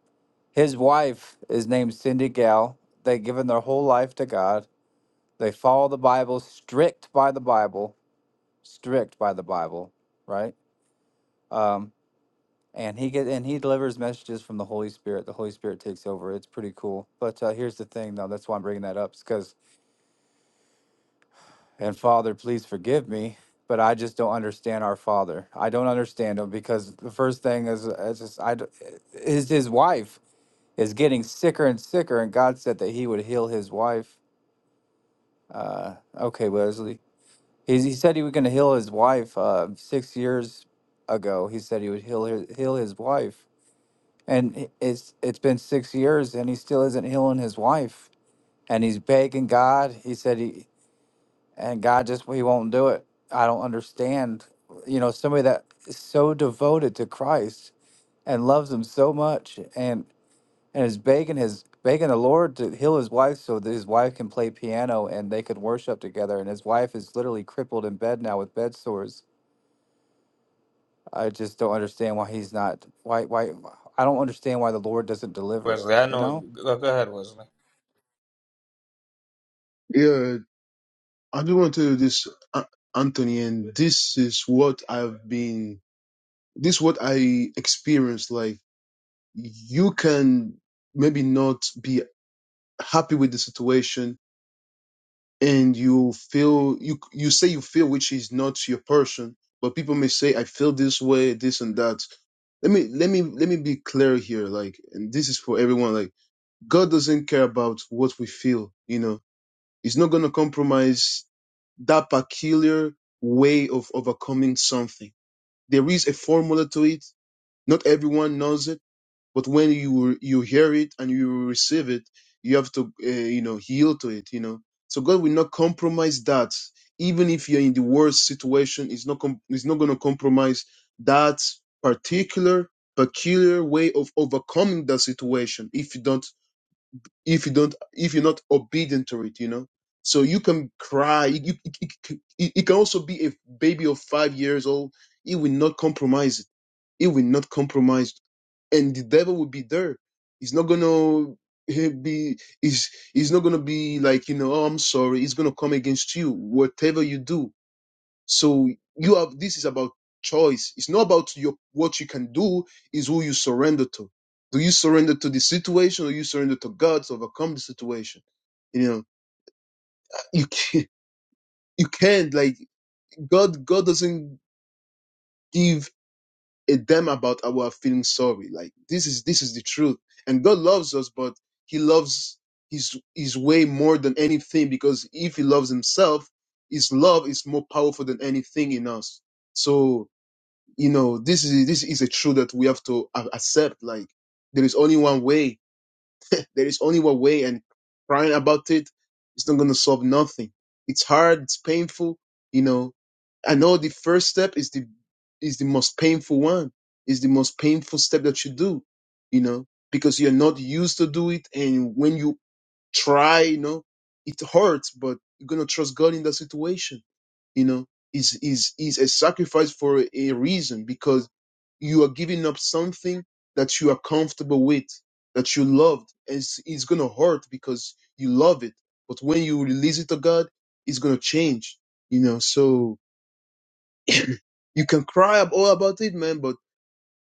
D: his wife is named Cindy Gal. They've given their whole life to God. They follow the Bible, strict by the Bible, strict by the Bible, right? Um, and he get and he delivers messages from the Holy Spirit. The Holy Spirit takes over. It's pretty cool. But uh, here's the thing, though. That's why I'm bringing that up, because And Father, please forgive me, but I just don't understand our Father. I don't understand him because the first thing is, is just, I, d- is his wife is getting sicker and sicker, and God said that He would heal his wife. Uh, okay, Wesley. He's, he said he was going to heal his wife uh, six years ago. He said he would heal his, heal his wife, and i- it's it's been six years, and he still isn't healing his wife. And he's begging God. He said he and God just he won't do it. I don't understand. You know, somebody that is so devoted to Christ and loves him so much and and is begging his begging the Lord to heal his wife so that his wife can play piano and they could worship together and his wife is literally crippled in bed now with bed sores. I just don't understand why he's not why why I don't understand why the Lord doesn't deliver,
B: Wesley, I
D: you
B: know
D: know?
B: you. Go, go ahead, Wesley.
H: Yeah. I just want to tell you this, A- Anthony, and this is what I've been, this is what I experienced. Like, you can maybe not be happy with the situation and you feel, you, you say you feel which is not your person, but people may say, I feel this way, this and that. Let me, let me, let me be clear here. Like, and this is for everyone. Like, God doesn't care about what we feel, you know It's not going to compromise that peculiar way of overcoming something. There is a formula to it. Not everyone knows it, but when you you hear it and you receive it, you have to uh, you know yield to it. You know, so God will not compromise that. Even if you're in the worst situation, it's not com- it's not going to compromise that particular peculiar way of overcoming that situation if you don't if you don't if you're not obedient to it you know so you can cry it, it, it, it- it can also be a baby of five years old it will not compromise it It will not compromise and the devil will be there he's not gonna he be he's he's not gonna be like you know oh i'm sorry he's gonna come against you whatever you do so you have this is about choice. It's not about your what you can do, is who you surrender to. Do you surrender to the situation or you surrender to God to overcome the situation? You know, you can't you can't like God God doesn't give a damn about our feeling sorry. Like this is this is the truth. And God loves us, but He loves his his way more than anything because if he loves himself, his love is more powerful than anything in us. So you know this is this is a truth that we have to a- accept like there is only one way there is only one way and crying about it's not going to solve nothing it's hard it's painful you know i know the first step is the is the most painful one is the most painful step that you do you know because you're not used to do it and when you try, you know, it hurts, but you're gonna trust God in that situation. You know, is is is a sacrifice for a, a reason because you are giving up something that you are comfortable with, that you loved, and it's, it's gonna hurt because you love it. But when you release it to God, it's gonna change. You know, so you can cry ab- all about it, man, but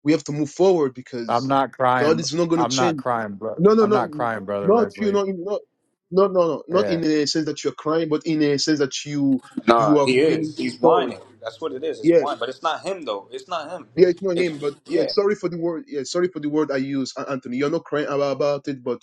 H: we have to move forward
D: I'm
H: because
D: not
H: God
D: crying
H: is not gonna
D: I'm
H: change.
D: not crying, brother.
H: No, no,
D: I'm
H: no,
D: not crying, brother
H: not you.
D: Wesley.
H: Not in, not no, no, no, not in a sense that you're crying, but in a sense that you you
B: Nah,
H: are
B: he
H: feeling
B: is. He's
H: sorry.
B: whining. That's what it is. It's
H: Yeah,
B: whine, but it's not him though. It's not him.
H: yeah, it's not
B: It's
H: him, but yeah,
B: yeah.
H: sorry for the word. Yeah, sorry for the word I use, Anthony. You're not crying about, about it, but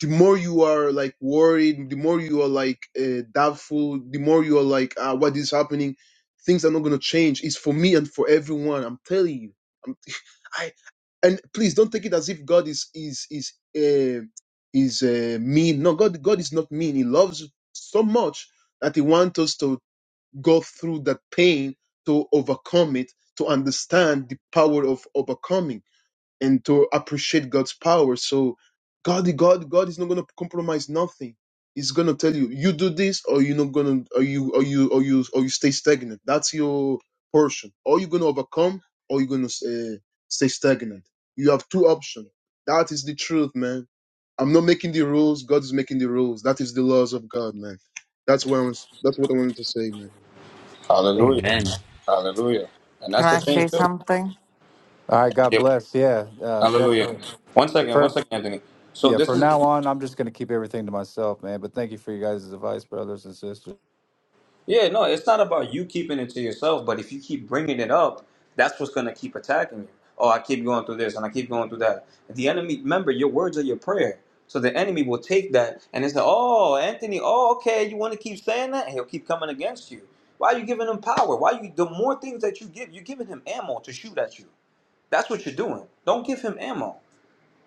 H: the more you are like worried, the more you are like uh, doubtful, the more you are like, ah, what is happening? Things are not gonna change. It's for me and for everyone. I'm telling you. I'm, I and please don't take it as if God is is is uh, is uh, mean. No, God God is not mean. He loves you so much that He wants us to go through that pain to overcome it, to understand the power of overcoming and to appreciate God's power. So God, God, God is not gonna compromise nothing. He's gonna tell you, you do this, or you're not gonna, or you, or you, or you, or you stay stagnant. That's your portion. Or you're gonna overcome, or you're gonna uh, stay stagnant. You have two options. That is the truth, man. I'm not making the rules. God is making the rules. That is the laws of God, man. That's what I was, that's what I wanted to say, man.
B: Hallelujah.
A: Amen.
B: Hallelujah. And
E: Can
B: that's the
E: I say
B: thing, too.
E: something?
D: All right, God
B: Your
D: bless. Yeah, uh,
B: Hallelujah.
D: definitely.
B: One second, one
D: For
B: second, Anthony. So
D: yeah,
B: this
D: for
B: is
D: now on, I'm just gonna keep everything to myself, man. But thank you for you guys' advice, brothers and sisters.
B: yeah, no, it's not about you keeping it to yourself, but if you keep bringing it up, that's what's gonna keep attacking you. Oh, I keep going through this and I keep going through that. The enemy, remember, your words are your prayer. So the enemy will take that and they say, "Oh, Anthony, oh, okay, you want to keep saying that?" And he'll keep coming against you. Why are you giving him power? Why you? The more things that you give, you're giving him ammo to shoot at you. That's what you're doing. Don't give him ammo.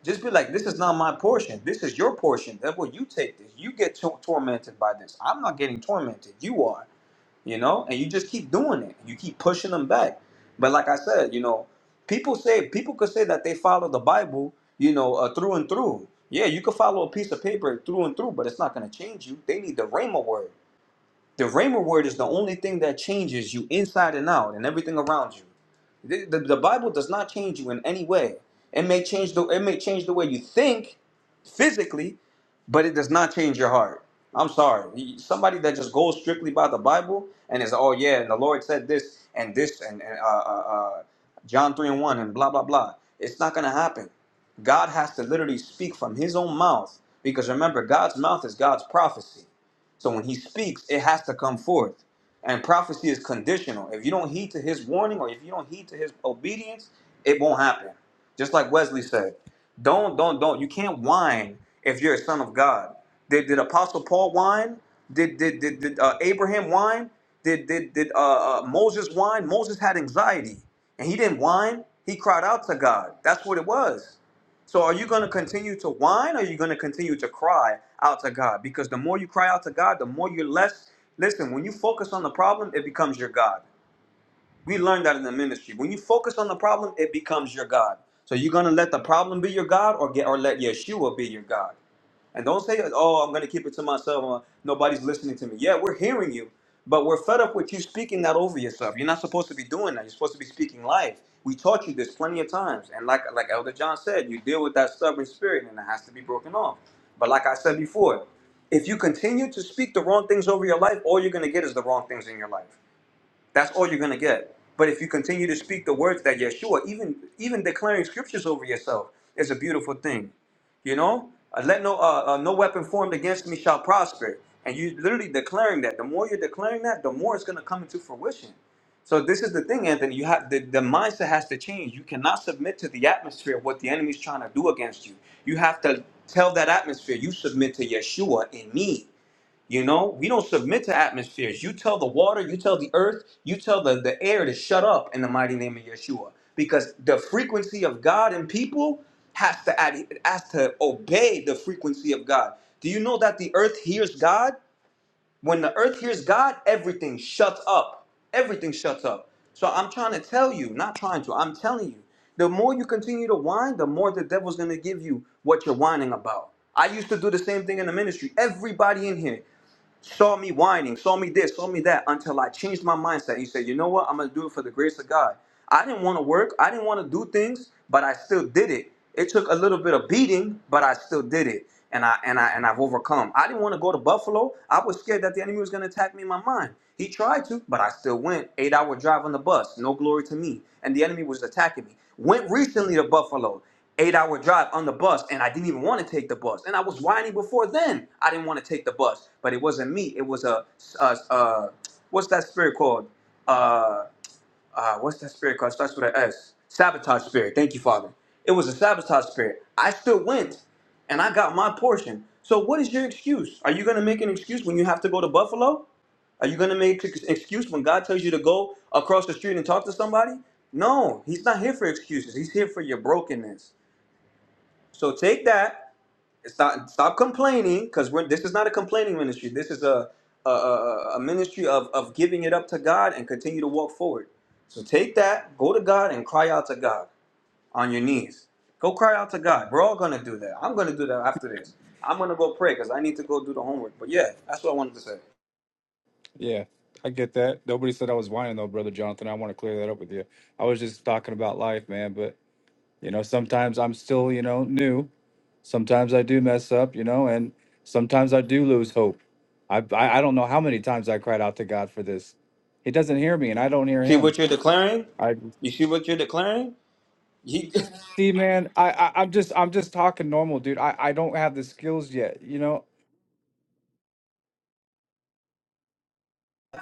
B: Just be like, this is not my portion. This is your portion. Therefore, you take this. You get tor- tormented by this. I'm not getting tormented. You are, you know? And you just keep doing it. You keep pushing them back. But like I said, you know, people say, people could say that they follow the Bible, you know, uh, through and through. Yeah, you could follow a piece of paper through and through, but it's not going to change you. They need the Rhema word. The Rhema word is the only thing that changes you inside and out and everything around you. The, the, the Bible does not change you in any way. It may change the it may change the way you think physically, but it does not change your heart. I'm sorry. You- Somebody that just goes strictly by the Bible and is oh yeah, and the Lord said this and this and, and uh, uh, uh, John three and one and blah blah blah. It's not gonna happen. God has to literally speak from His own mouth because remember, God's mouth is God's prophecy. So when he speaks, it has to come forth. And prophecy is conditional. If you don't heed to his warning or if you don't heed to his obedience, it won't happen. Just like Wesley said, don't, don't, don't. You can't whine if you're a son of God. Did, did Apostle Paul whine? Did, did, did, did uh, Abraham whine? Did, did, did uh, uh, Moses whine? Moses had anxiety and he didn't whine. He cried out to God. That's what it was. So are you going to continue to whine or are you going to continue to cry out to God? Because the more you cry out to God, the more you're less. Listen, when you focus on the problem, it becomes your God. We learned that in the ministry. When you focus on the problem, it becomes your God. So you're gonna let the problem be your God, or get, or let Yeshua be your God. And don't say, "Oh, I'm gonna keep it to myself. uh, Nobody's listening to me." Yeah, we're hearing you, but we're fed up with you speaking that over yourself. You're not supposed to be doing that. You're supposed to be speaking life. We taught you this plenty of times, and like like Elder John said, you deal with that stubborn spirit, and it has to be broken off. But like I said before, if you continue to speak the wrong things over your life, all you're gonna get is the wrong things in your life. That's all you're gonna get. But if you continue to speak the words that Yeshua, even even declaring scriptures over yourself, is a beautiful thing. You know, Uh, let no uh, uh, no weapon formed against me shall prosper. And you literally declaring that. The more you're declaring that, the more it's gonna come into fruition. So this is the thing, Anthony. You have the, the mindset has to change. You cannot submit to the atmosphere of what the enemy's trying to do against you. You have to tell that atmosphere you submit to Yeshua in me. You know, we don't submit to atmospheres. You tell the water, you tell the earth, you tell the, the air to shut up in the mighty name of Yeshua. Because the frequency of God and people has to ad, has to obey the frequency of God. Do you know that the earth hears God? When the earth hears God, everything shuts up. Everything shuts up. So I'm trying to tell you, not trying to, I'm telling you. The more you continue to whine, the more the devil's gonna give you what you're whining about. I used to do the same thing in the ministry. Everybody in here saw me whining, saw me this, saw me that, until I changed my mindset. And you said, you know what? I'm gonna do it for the grace of God. I didn't want to work, I didn't want to do things, but I still did it. It took a little bit of beating, but I still did it. And I and I and I've overcome. I didn't want to go to Buffalo. I was scared that the enemy was gonna attack me in my mind. He tried to, but I still went. Eight hour drive on the bus, no glory to me. And the enemy was attacking me. Went recently to Buffalo eight hour drive on the bus and I didn't even want to take the bus. And I was whining before then. I didn't want to take the bus, but it wasn't me. It was a, a, a what's that spirit called? Uh, uh, what's that spirit called? It starts with an S. Sabotage spirit. Thank you, Father. It was a sabotage spirit. I still went and I got my portion. So what is your excuse? Are you going to make an excuse when you have to go to Buffalo? Are you going to make an excuse when God tells you to go across the street and talk to somebody? No, he's not here for excuses. He's here for your brokenness. So take that. Stop stop complaining because we're this is not a complaining ministry. This is a a, a, a ministry of, of giving it up to God and continue to walk forward. So take that, go to God and cry out to God on your knees. Go cry out to God. We're all gonna do that. I'm gonna do that after this. I'm gonna go pray because I need to go do the homework. But yeah, that's what I wanted to say.
D: Yeah, I get that. Nobody said I was whining though, brother Jonathan. I want to clear that up with you. I was just talking about life, man. But you know, sometimes I'm still, you know, new. Sometimes I do mess up, you know, and sometimes I do lose hope. I I, I don't know how many times I cried out to God for this. He doesn't hear me, and I don't hear
B: See
D: him.
B: what you're declaring? You see what you're declaring? He,
D: See, man, I, I I'm just I'm just talking normal, dude. I I don't have the skills yet, you know.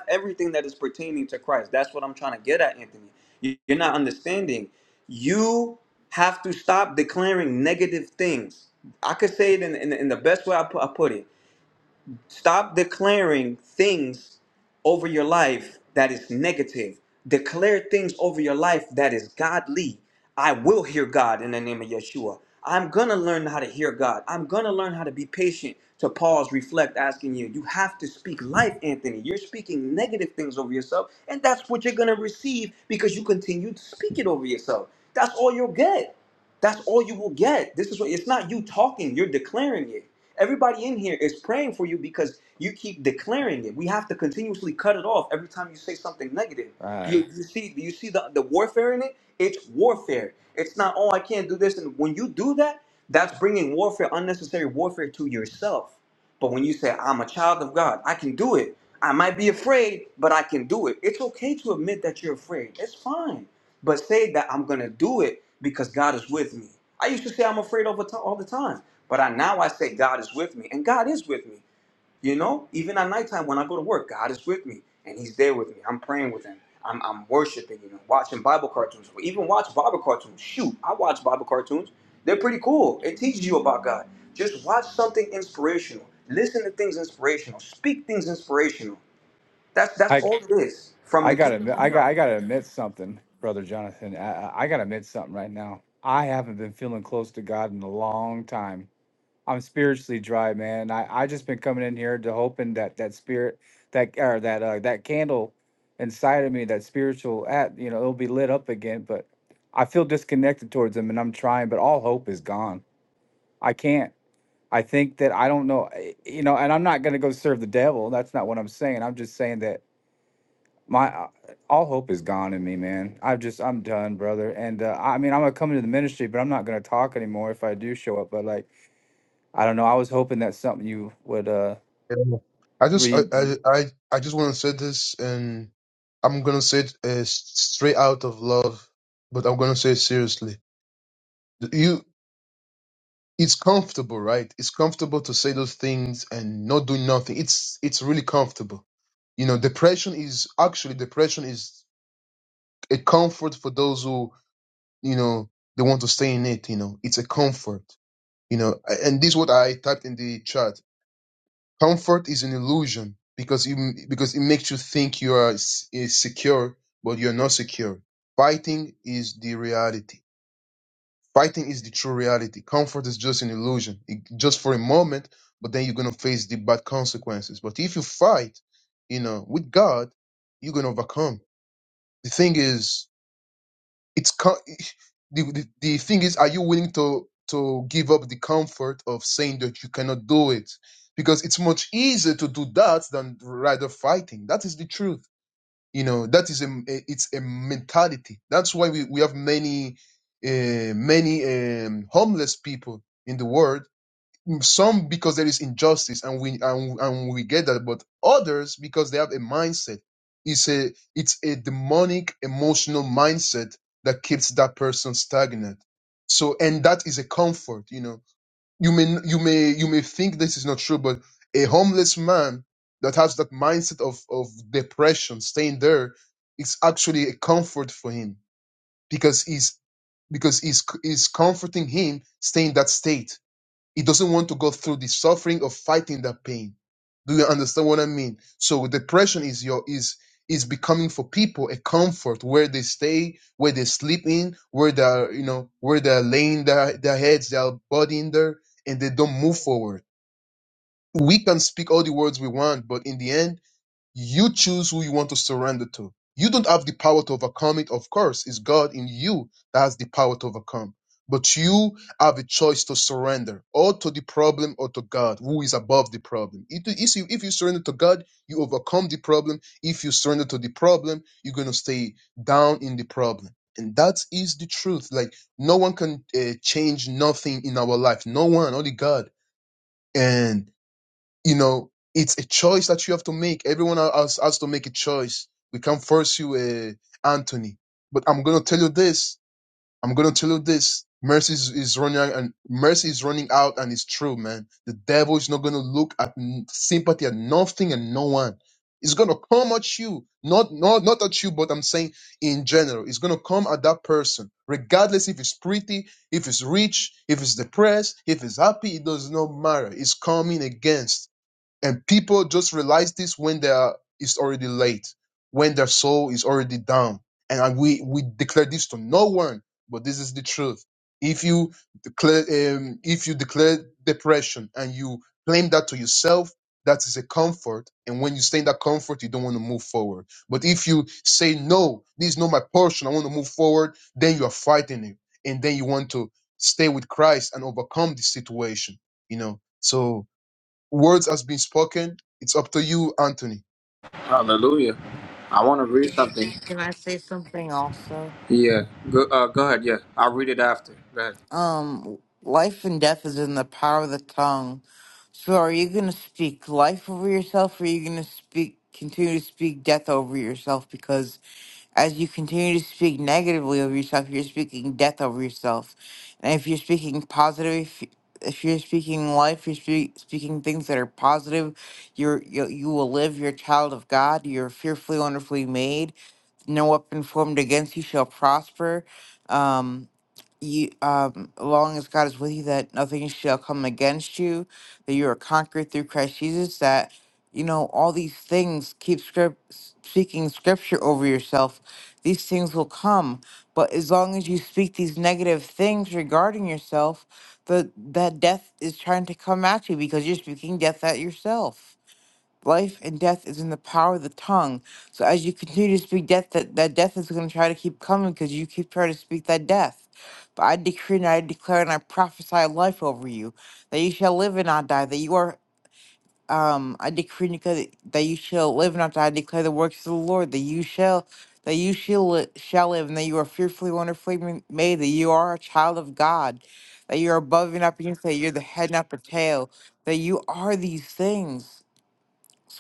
B: everything that is pertaining to Christ. That's what I'm trying to get at, Anthony. You- You're not understanding. You have to stop declaring negative things. I could say it in, in, in the best way I put, I put it. Stop declaring things over your life that is negative. Declare things over your life that is godly. I will hear God in the name of Yeshua. I'm going to learn how to hear God. I'm going to learn how to be patient, to pause, reflect, asking you. You have to speak life, Anthony. You're speaking negative things over yourself, and that's what you're going to receive because you continue to speak it over yourself. That's all you'll get. That's all you will get. This is what it's not you talking, you're declaring it. Everybody in here is praying for you because you keep declaring it. We have to continuously cut it off every time you say something negative.
D: Uh,
B: You, you see you see the, the warfare in it? It's warfare. It's not oh I can't do this and when you do that, that's bringing warfare unnecessary warfare to yourself. But when you say I'm a child of God, I can do it. I might be afraid, but I can do it. It's okay to admit that you're afraid. It's fine but say that I'm gonna do it because God is with me. I used to say I'm afraid all the ti- all the time, but I now I say God is with me, and God is with me. You know, even at nighttime when I go to work, God is with me, and He's there with me. I'm praying with Him. I'm, I'm worshiping, you know, watching Bible cartoons, or even watch Bible cartoons. Shoot, I watch Bible cartoons. They're pretty cool. It teaches you about God. Just watch something inspirational. Listen to things inspirational. Speak things inspirational. That's that's
D: I
B: all it is from
D: I
B: the
D: gotta
B: kingdom
D: admit-
B: of
D: I got
B: God.
D: I gotta admit something, brother Jonathan. I, I I gotta admit something right now. I haven't been feeling close to God in a long time. I'm spiritually dry, man. I I just been coming in here to hoping that that spirit that or that uh that candle inside of me, that spiritual at you know, it'll be lit up again. But I feel disconnected towards Him, and I'm trying, but all hope is gone. I can't. I think that I don't know, eh, you know, and I'm not going to go serve the devil. That's not what I'm saying. I'm just saying that my uh, all hope is gone in me, man. I've just I'm done, brother. And uh, I mean, I'm gonna come into the ministry, but I'm not gonna talk anymore if I do show up. But like, I don't know. I was hoping that something you would uh
H: Yeah. I just I
D: read.
H: I I I just want to say this, and I'm gonna say it uh, s- straight out of love, but I'm gonna say it seriously. You, it's comfortable, right? It's comfortable to say those things and not do nothing. It's it's really comfortable. You know, depression is actually depression is a comfort for those who you know they want to stay in it. You know, it's a comfort. You know, A- and this is what I typed in the chat Comfort is an illusion because it, because it makes you think you are s- is secure, but you're not secure. Fighting is the reality. Fighting is the true reality. Comfort is just an illusion, it, just for a moment, but then you're going to face the bad consequences. But if you fight, you know, with God, you're going to overcome. The thing is, it's co- the, the the thing is are you willing to to give up the comfort of saying that you cannot do it because it's much easier to do that than rather fighting that is the truth you know that is a it's a mentality that's why we, we have many uh, many um, homeless people in the world some because there is injustice and we and, and we get that but others because they have a mindset it's a it's a demonic emotional mindset that keeps that person stagnant so and that is a comfort you know you may you may you may think this is not true but a homeless man that has that mindset of of depression staying there it's actually a comfort for him because he's because he's, he's comforting him staying in that state he doesn't want to go through the suffering of fighting that pain. Do you understand what I mean? So depression is your is is becoming for people a comfort where they stay, where they sleep in, where they're you know where they're laying their, their heads, their body in there, and they don't move forward. We can speak all the words we want, but in the end you choose who you want to surrender to. You don't have the power to overcome it, of course. It's God in you that has the power to overcome. But you have a choice to surrender or to the problem or to God, who is above the problem. It- If you, if you surrender to God, you overcome the problem. If you surrender to the problem, you're going to stay down in the problem. And that is the truth. Like, no one can uh, change nothing in our life. No one, only God. and you know, it's a choice that you have to make. Everyone else has to make a choice. We can't force you, uh, Anthony. But I'm gonna tell you this. I'm gonna tell you this. Mercy is, is running out and mercy is running out, and it's true, man. The devil is not gonna look at n- sympathy at nothing and no one. It's gonna come at you, not not not at you, but I'm saying in general, it's gonna come at that person, regardless if it's pretty, if it's rich, if it's depressed, if it's happy. It does not matter. It's coming against. And people just realize this when they're it's already late, when their soul is already down. And I- we we declare this to no one, but this is the truth. If you declare um, if you declare depression and you claim that to yourself, that is a comfort. And when you stay in that comfort, you don't want to move forward. But if you say no, this is not my portion, I want to move forward, then you are fighting it, and then you want to stay with Christ and overcome the situation. You know, so Words has been spoken. It's up to you, Anthony.
B: Hallelujah. I want to read something.
E: Can I say something also?
B: Yeah. Go, uh, go ahead. Yeah. I'll read it after. Go ahead.
E: Um, life and death is in the power of the tongue. So are you going to speak life over yourself or are you going to speak continue to speak death over yourself because as you continue to speak negatively over yourself, you're speaking death over yourself. And if you're speaking positive, if, if you're speaking life, you're spe- speaking things that are positive, you're, you, you will live, you're a child of God, you're fearfully, wonderfully made no weapon formed against you shall prosper. Um, you, um, long as God is with you, that nothing shall come against you, that you are conquered through Christ Jesus, that, you know, all these things keep script, speaking scripture over yourself. These things will come. But as long as you speak these negative things regarding yourself, the, that death is trying to come at you because you're speaking death at yourself life and death is in the power of the tongue. So as you continue to speak death, that, that death is going to try to keep coming because you keep trying to speak that death. But I decree and I declare and I prophesy life over you, that you shall live and not die, that you are, um, I decree and declare that you shall live and not die. I declare the works of the Lord, that you shall, that you shall, li- shall live, and that you are fearfully, wonderfully ma- made, that you are a child of God, that you are above and not beneath, that you're the head, not the tail, that you are these things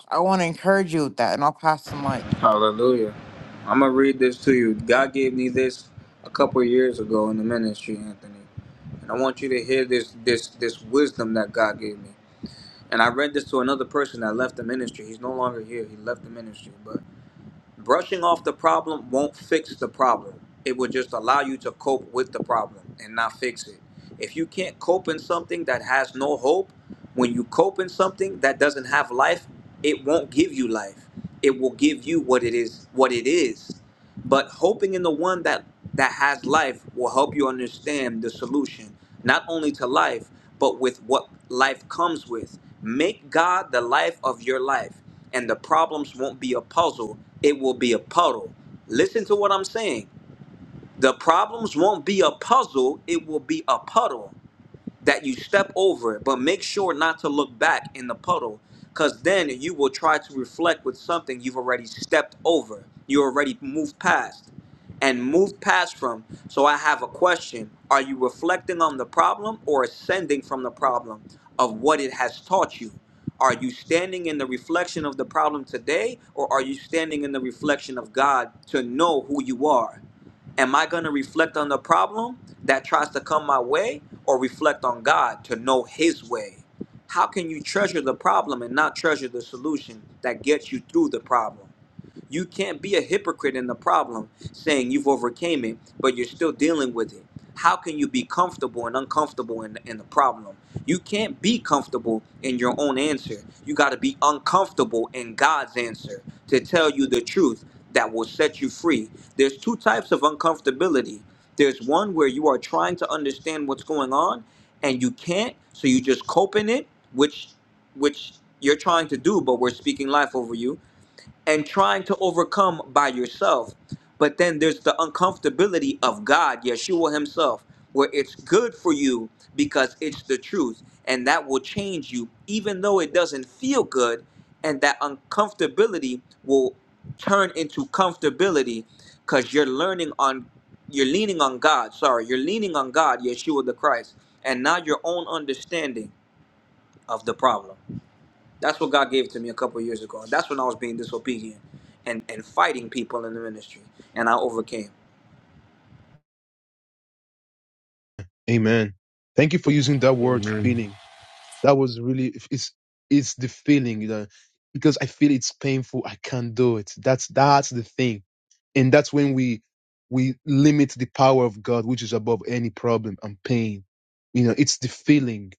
E: I want to encourage you with that, and I'll pass the mic.
B: This, I want you to this this and that got me. And I read this to another person that left the ministry. He's no longer here. He left the ministry. But brushing off the problem won't fix the problem. It will just allow you to cope with the problem and not fix it. If you can't cope in something that has no hope, when you cope in something that doesn't have life, it won't give you life. It will give you what it is, what it is But hoping in the one that that has life will help you understand the solution, not only to life, but with what life comes with. Make God the life of your life, and the problems won't be a puzzle, it will be a puddle. Listen to what I'm saying. The problems won't be a puzzle, it will be a puddle that you step over it, but make sure not to look back in the puddle because then you will try to reflect with something you've already stepped over. You already moved past and moved past from. So I have a question. Are you reflecting on the problem or ascending from the problem of what it has taught you? Are you standing in the reflection of the problem today or are you standing in the reflection of God to know who you are? Am I going to reflect on the problem that tries to come my way or reflect on God to know His way? How can you treasure the problem and not treasure the solution that gets you through the problem? You can't be a hypocrite in the problem saying you've overcame it, but you're still dealing with it. How can you be comfortable and uncomfortable in, in the problem? You can't be comfortable in your own answer. You got to be uncomfortable in God's answer to tell you the truth that will set you free. There's two types of uncomfortability. There's one where you are trying to understand what's going on and you can't, so you just cope in it, which which you're trying to do, but we're speaking life over you and trying to overcome by yourself. But then there's the uncomfortability of God, Yeshua Himself, where it's good for you because it's the truth and that will change you, even though it doesn't feel good. And that uncomfortability will turn into comfortability because you're learning on, you're leaning on God, sorry, you're leaning on God, Yeshua the Christ, and not your own understanding of the problem. That's what God gave to me a couple of years ago. And that's when I was being disobedient and, and fighting people in the ministry. And I overcame.
H: Amen. Thank you for using that word
A: Amen.
H: feeling. That was really it's it's the feeling you know, because I feel it's painful. I can't do it. That's that's the thing, and that's when we we limit the power of God, which is above any problem and pain. You know, it's the feeling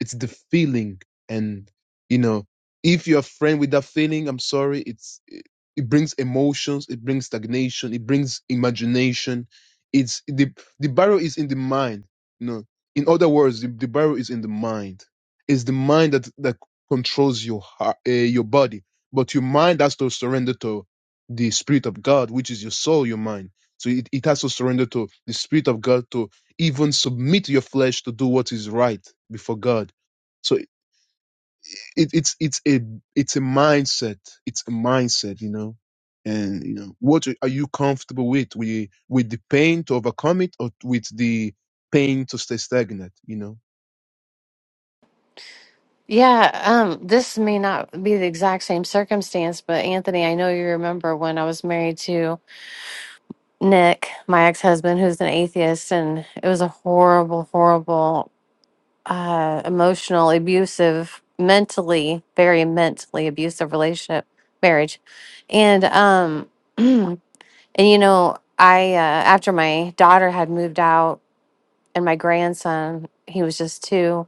H: it's the feeling and you know if you're a friend with that feeling i'm sorry it's it, it brings emotions it brings stagnation it brings imagination it's the the barrel is in the mind you know in other words the, the barrel is in the mind it's the mind that that controls your heart uh, your body but your mind has to surrender to the spirit of god which is your soul your mind so it, it has to surrender to the spirit of god to even submit your flesh to do what is right before god so it, it's it's a it's a mindset. It's a mindset, you know. And you know, what are you comfortable with? With with the pain to overcome it, or with the pain to stay stagnant? You know.
C: Yeah, um, this may not be the exact same circumstance, but Anthony, I know you remember when I was married to Nick, my ex-husband, who's an atheist, and it was a horrible, horrible, uh, emotional, abusive, mentally, very mentally abusive relationship, marriage. And um, and you know, I uh, after my daughter had moved out and my grandson, he was just two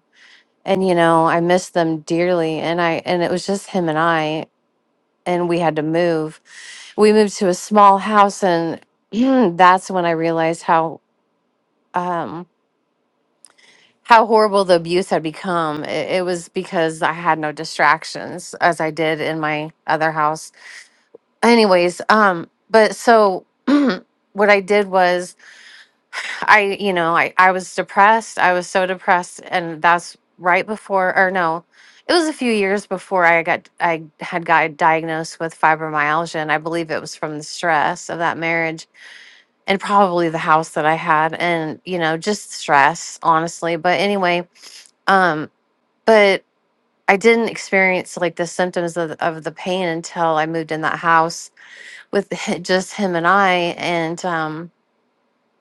C: and you know i missed them dearly and i and it was just him and i and we had to move we moved to a small house and that's when i realized how um how horrible the abuse had become it, it was because i had no distractions as i did in my other house anyways um but so what i did was I, you know, I, I was depressed. I was so depressed. And that's right before, or no, it was a few years before I got, I had got diagnosed with fibromyalgia. And I believe it was from the stress of that marriage and probably the house that I had and, you know, just stress, honestly. But anyway, um, but I didn't experience like the symptoms of, of the pain until I moved in that house with just him and I. And, um,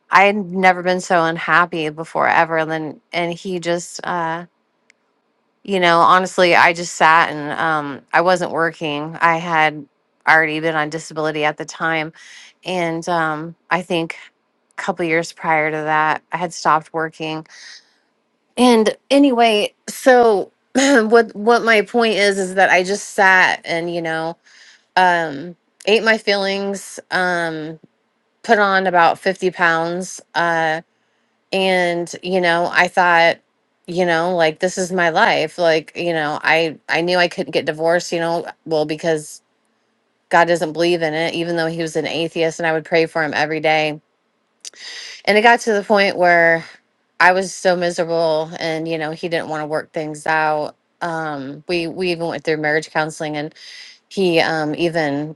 C: I had never been so unhappy before ever. And then, and he just, uh, you know, honestly, I just sat and um, I wasn't working. I had already been on disability at the time. And um, I think a couple years prior to that, I had stopped working. And anyway, so what, what my point is, is that I just sat and, you know, um, ate my feelings, um, put on about 50 pounds. Uh, and you know i thought you know like this is my life like you know i i knew i couldn't get divorced you know well because god doesn't believe in it even though he was an atheist and i would pray for him every day and it got to the point where i was so miserable and you know he didn't want to work things out um we we even went through marriage counseling and he um even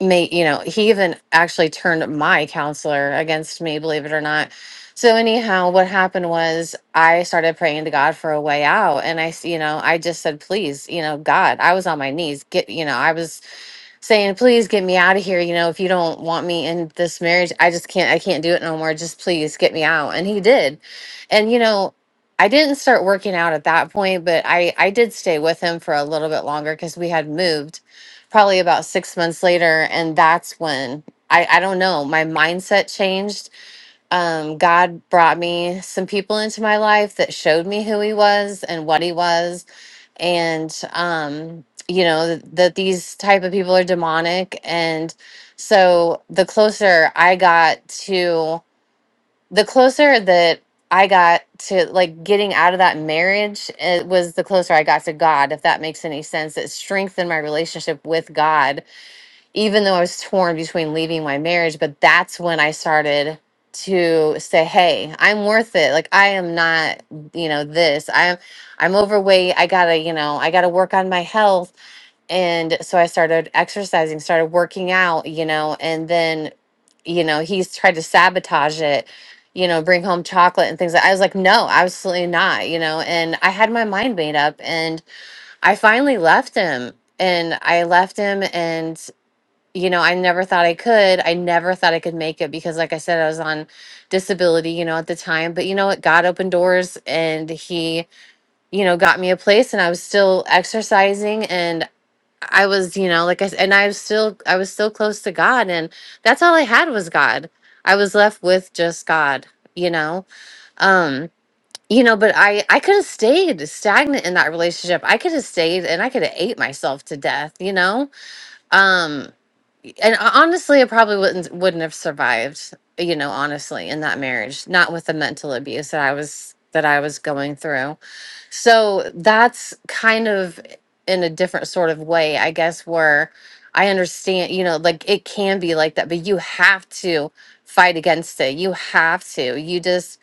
C: made you know he even actually turned my counselor against me believe it or not so anyhow what happened was i started praying to god for a way out and i s- you know i just said please you know god i was on my knees get you know i was saying, please get me out of here. You know, if you don't want me in this marriage, I just can't, I can't do it no more. Just please get me out. And he did. And, you know, I didn't start working out at that point, but I, I did stay with him for a little bit longer because we had moved probably about six months later. And that's when I, I don't know, my mindset changed. Um, God brought me some people into my life that showed me who he was and what he was and um you know th- that these type of people are demonic and so the closer i got to the closer that i got to like getting out of that marriage it was the closer i got to god if that makes any sense it strengthened my relationship with god even though I was torn between leaving my marriage, but that's when I started to say, "Hey, I'm worth it. Like I am not, you know, this. I'm I'm overweight. I got to, you know, I got to work on my health." And so I started exercising, started working out, you know, and then, you know, he's tried to sabotage it, you know, bring home chocolate and things. Like I was like, "No, absolutely not," you know, and I had my mind made up and I finally left him. And I left him and you know, I never thought I could. I never thought I could make it because, like I said, I was on disability, you know, at the time. But you know what? God opened doors and He, you know, got me a place and I was still exercising and I was, you know, like I said, and I was still, I was still close to God. And that's all I had was God. I was left with just God, you know? Um, you know, but I, I could have stayed stagnant in that relationship. I could have stayed and I could have ate myself to death, you know? Um, and ho- honestly, I probably wouldn't wouldn't have survived, you know, honestly, in that marriage, not with the mental abuse that I was that I was going through. So that's kind of in a different sort of way, I guess, where I understand, you know, like it can be like that, but you have to fight against it. You have to. You just,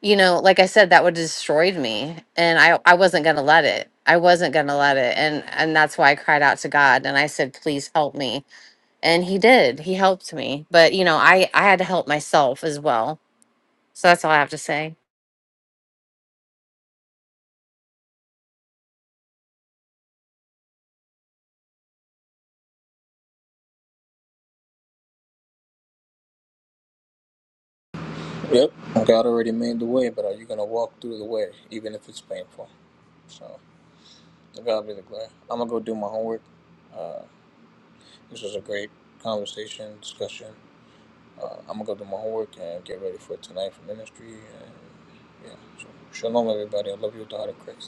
C: you know, like I said, that would have destroyed me. And I I wasn't gonna let it. I wasn't gonna let it. And and that's why I cried out to God and I said, please help me and he did he helped me but you know i i had to help myself as well so that's all i have to say
B: Yep, God already made the way, but are you gonna walk through the way, even if it's painful? So, to God be the glory. I'm gonna go do my homework. This was a great conversation, discussion. Uh, I'm gonna go do my homework and get ready for tonight for ministry. And yeah, so shalom, everybody. I love you, daughter Christ.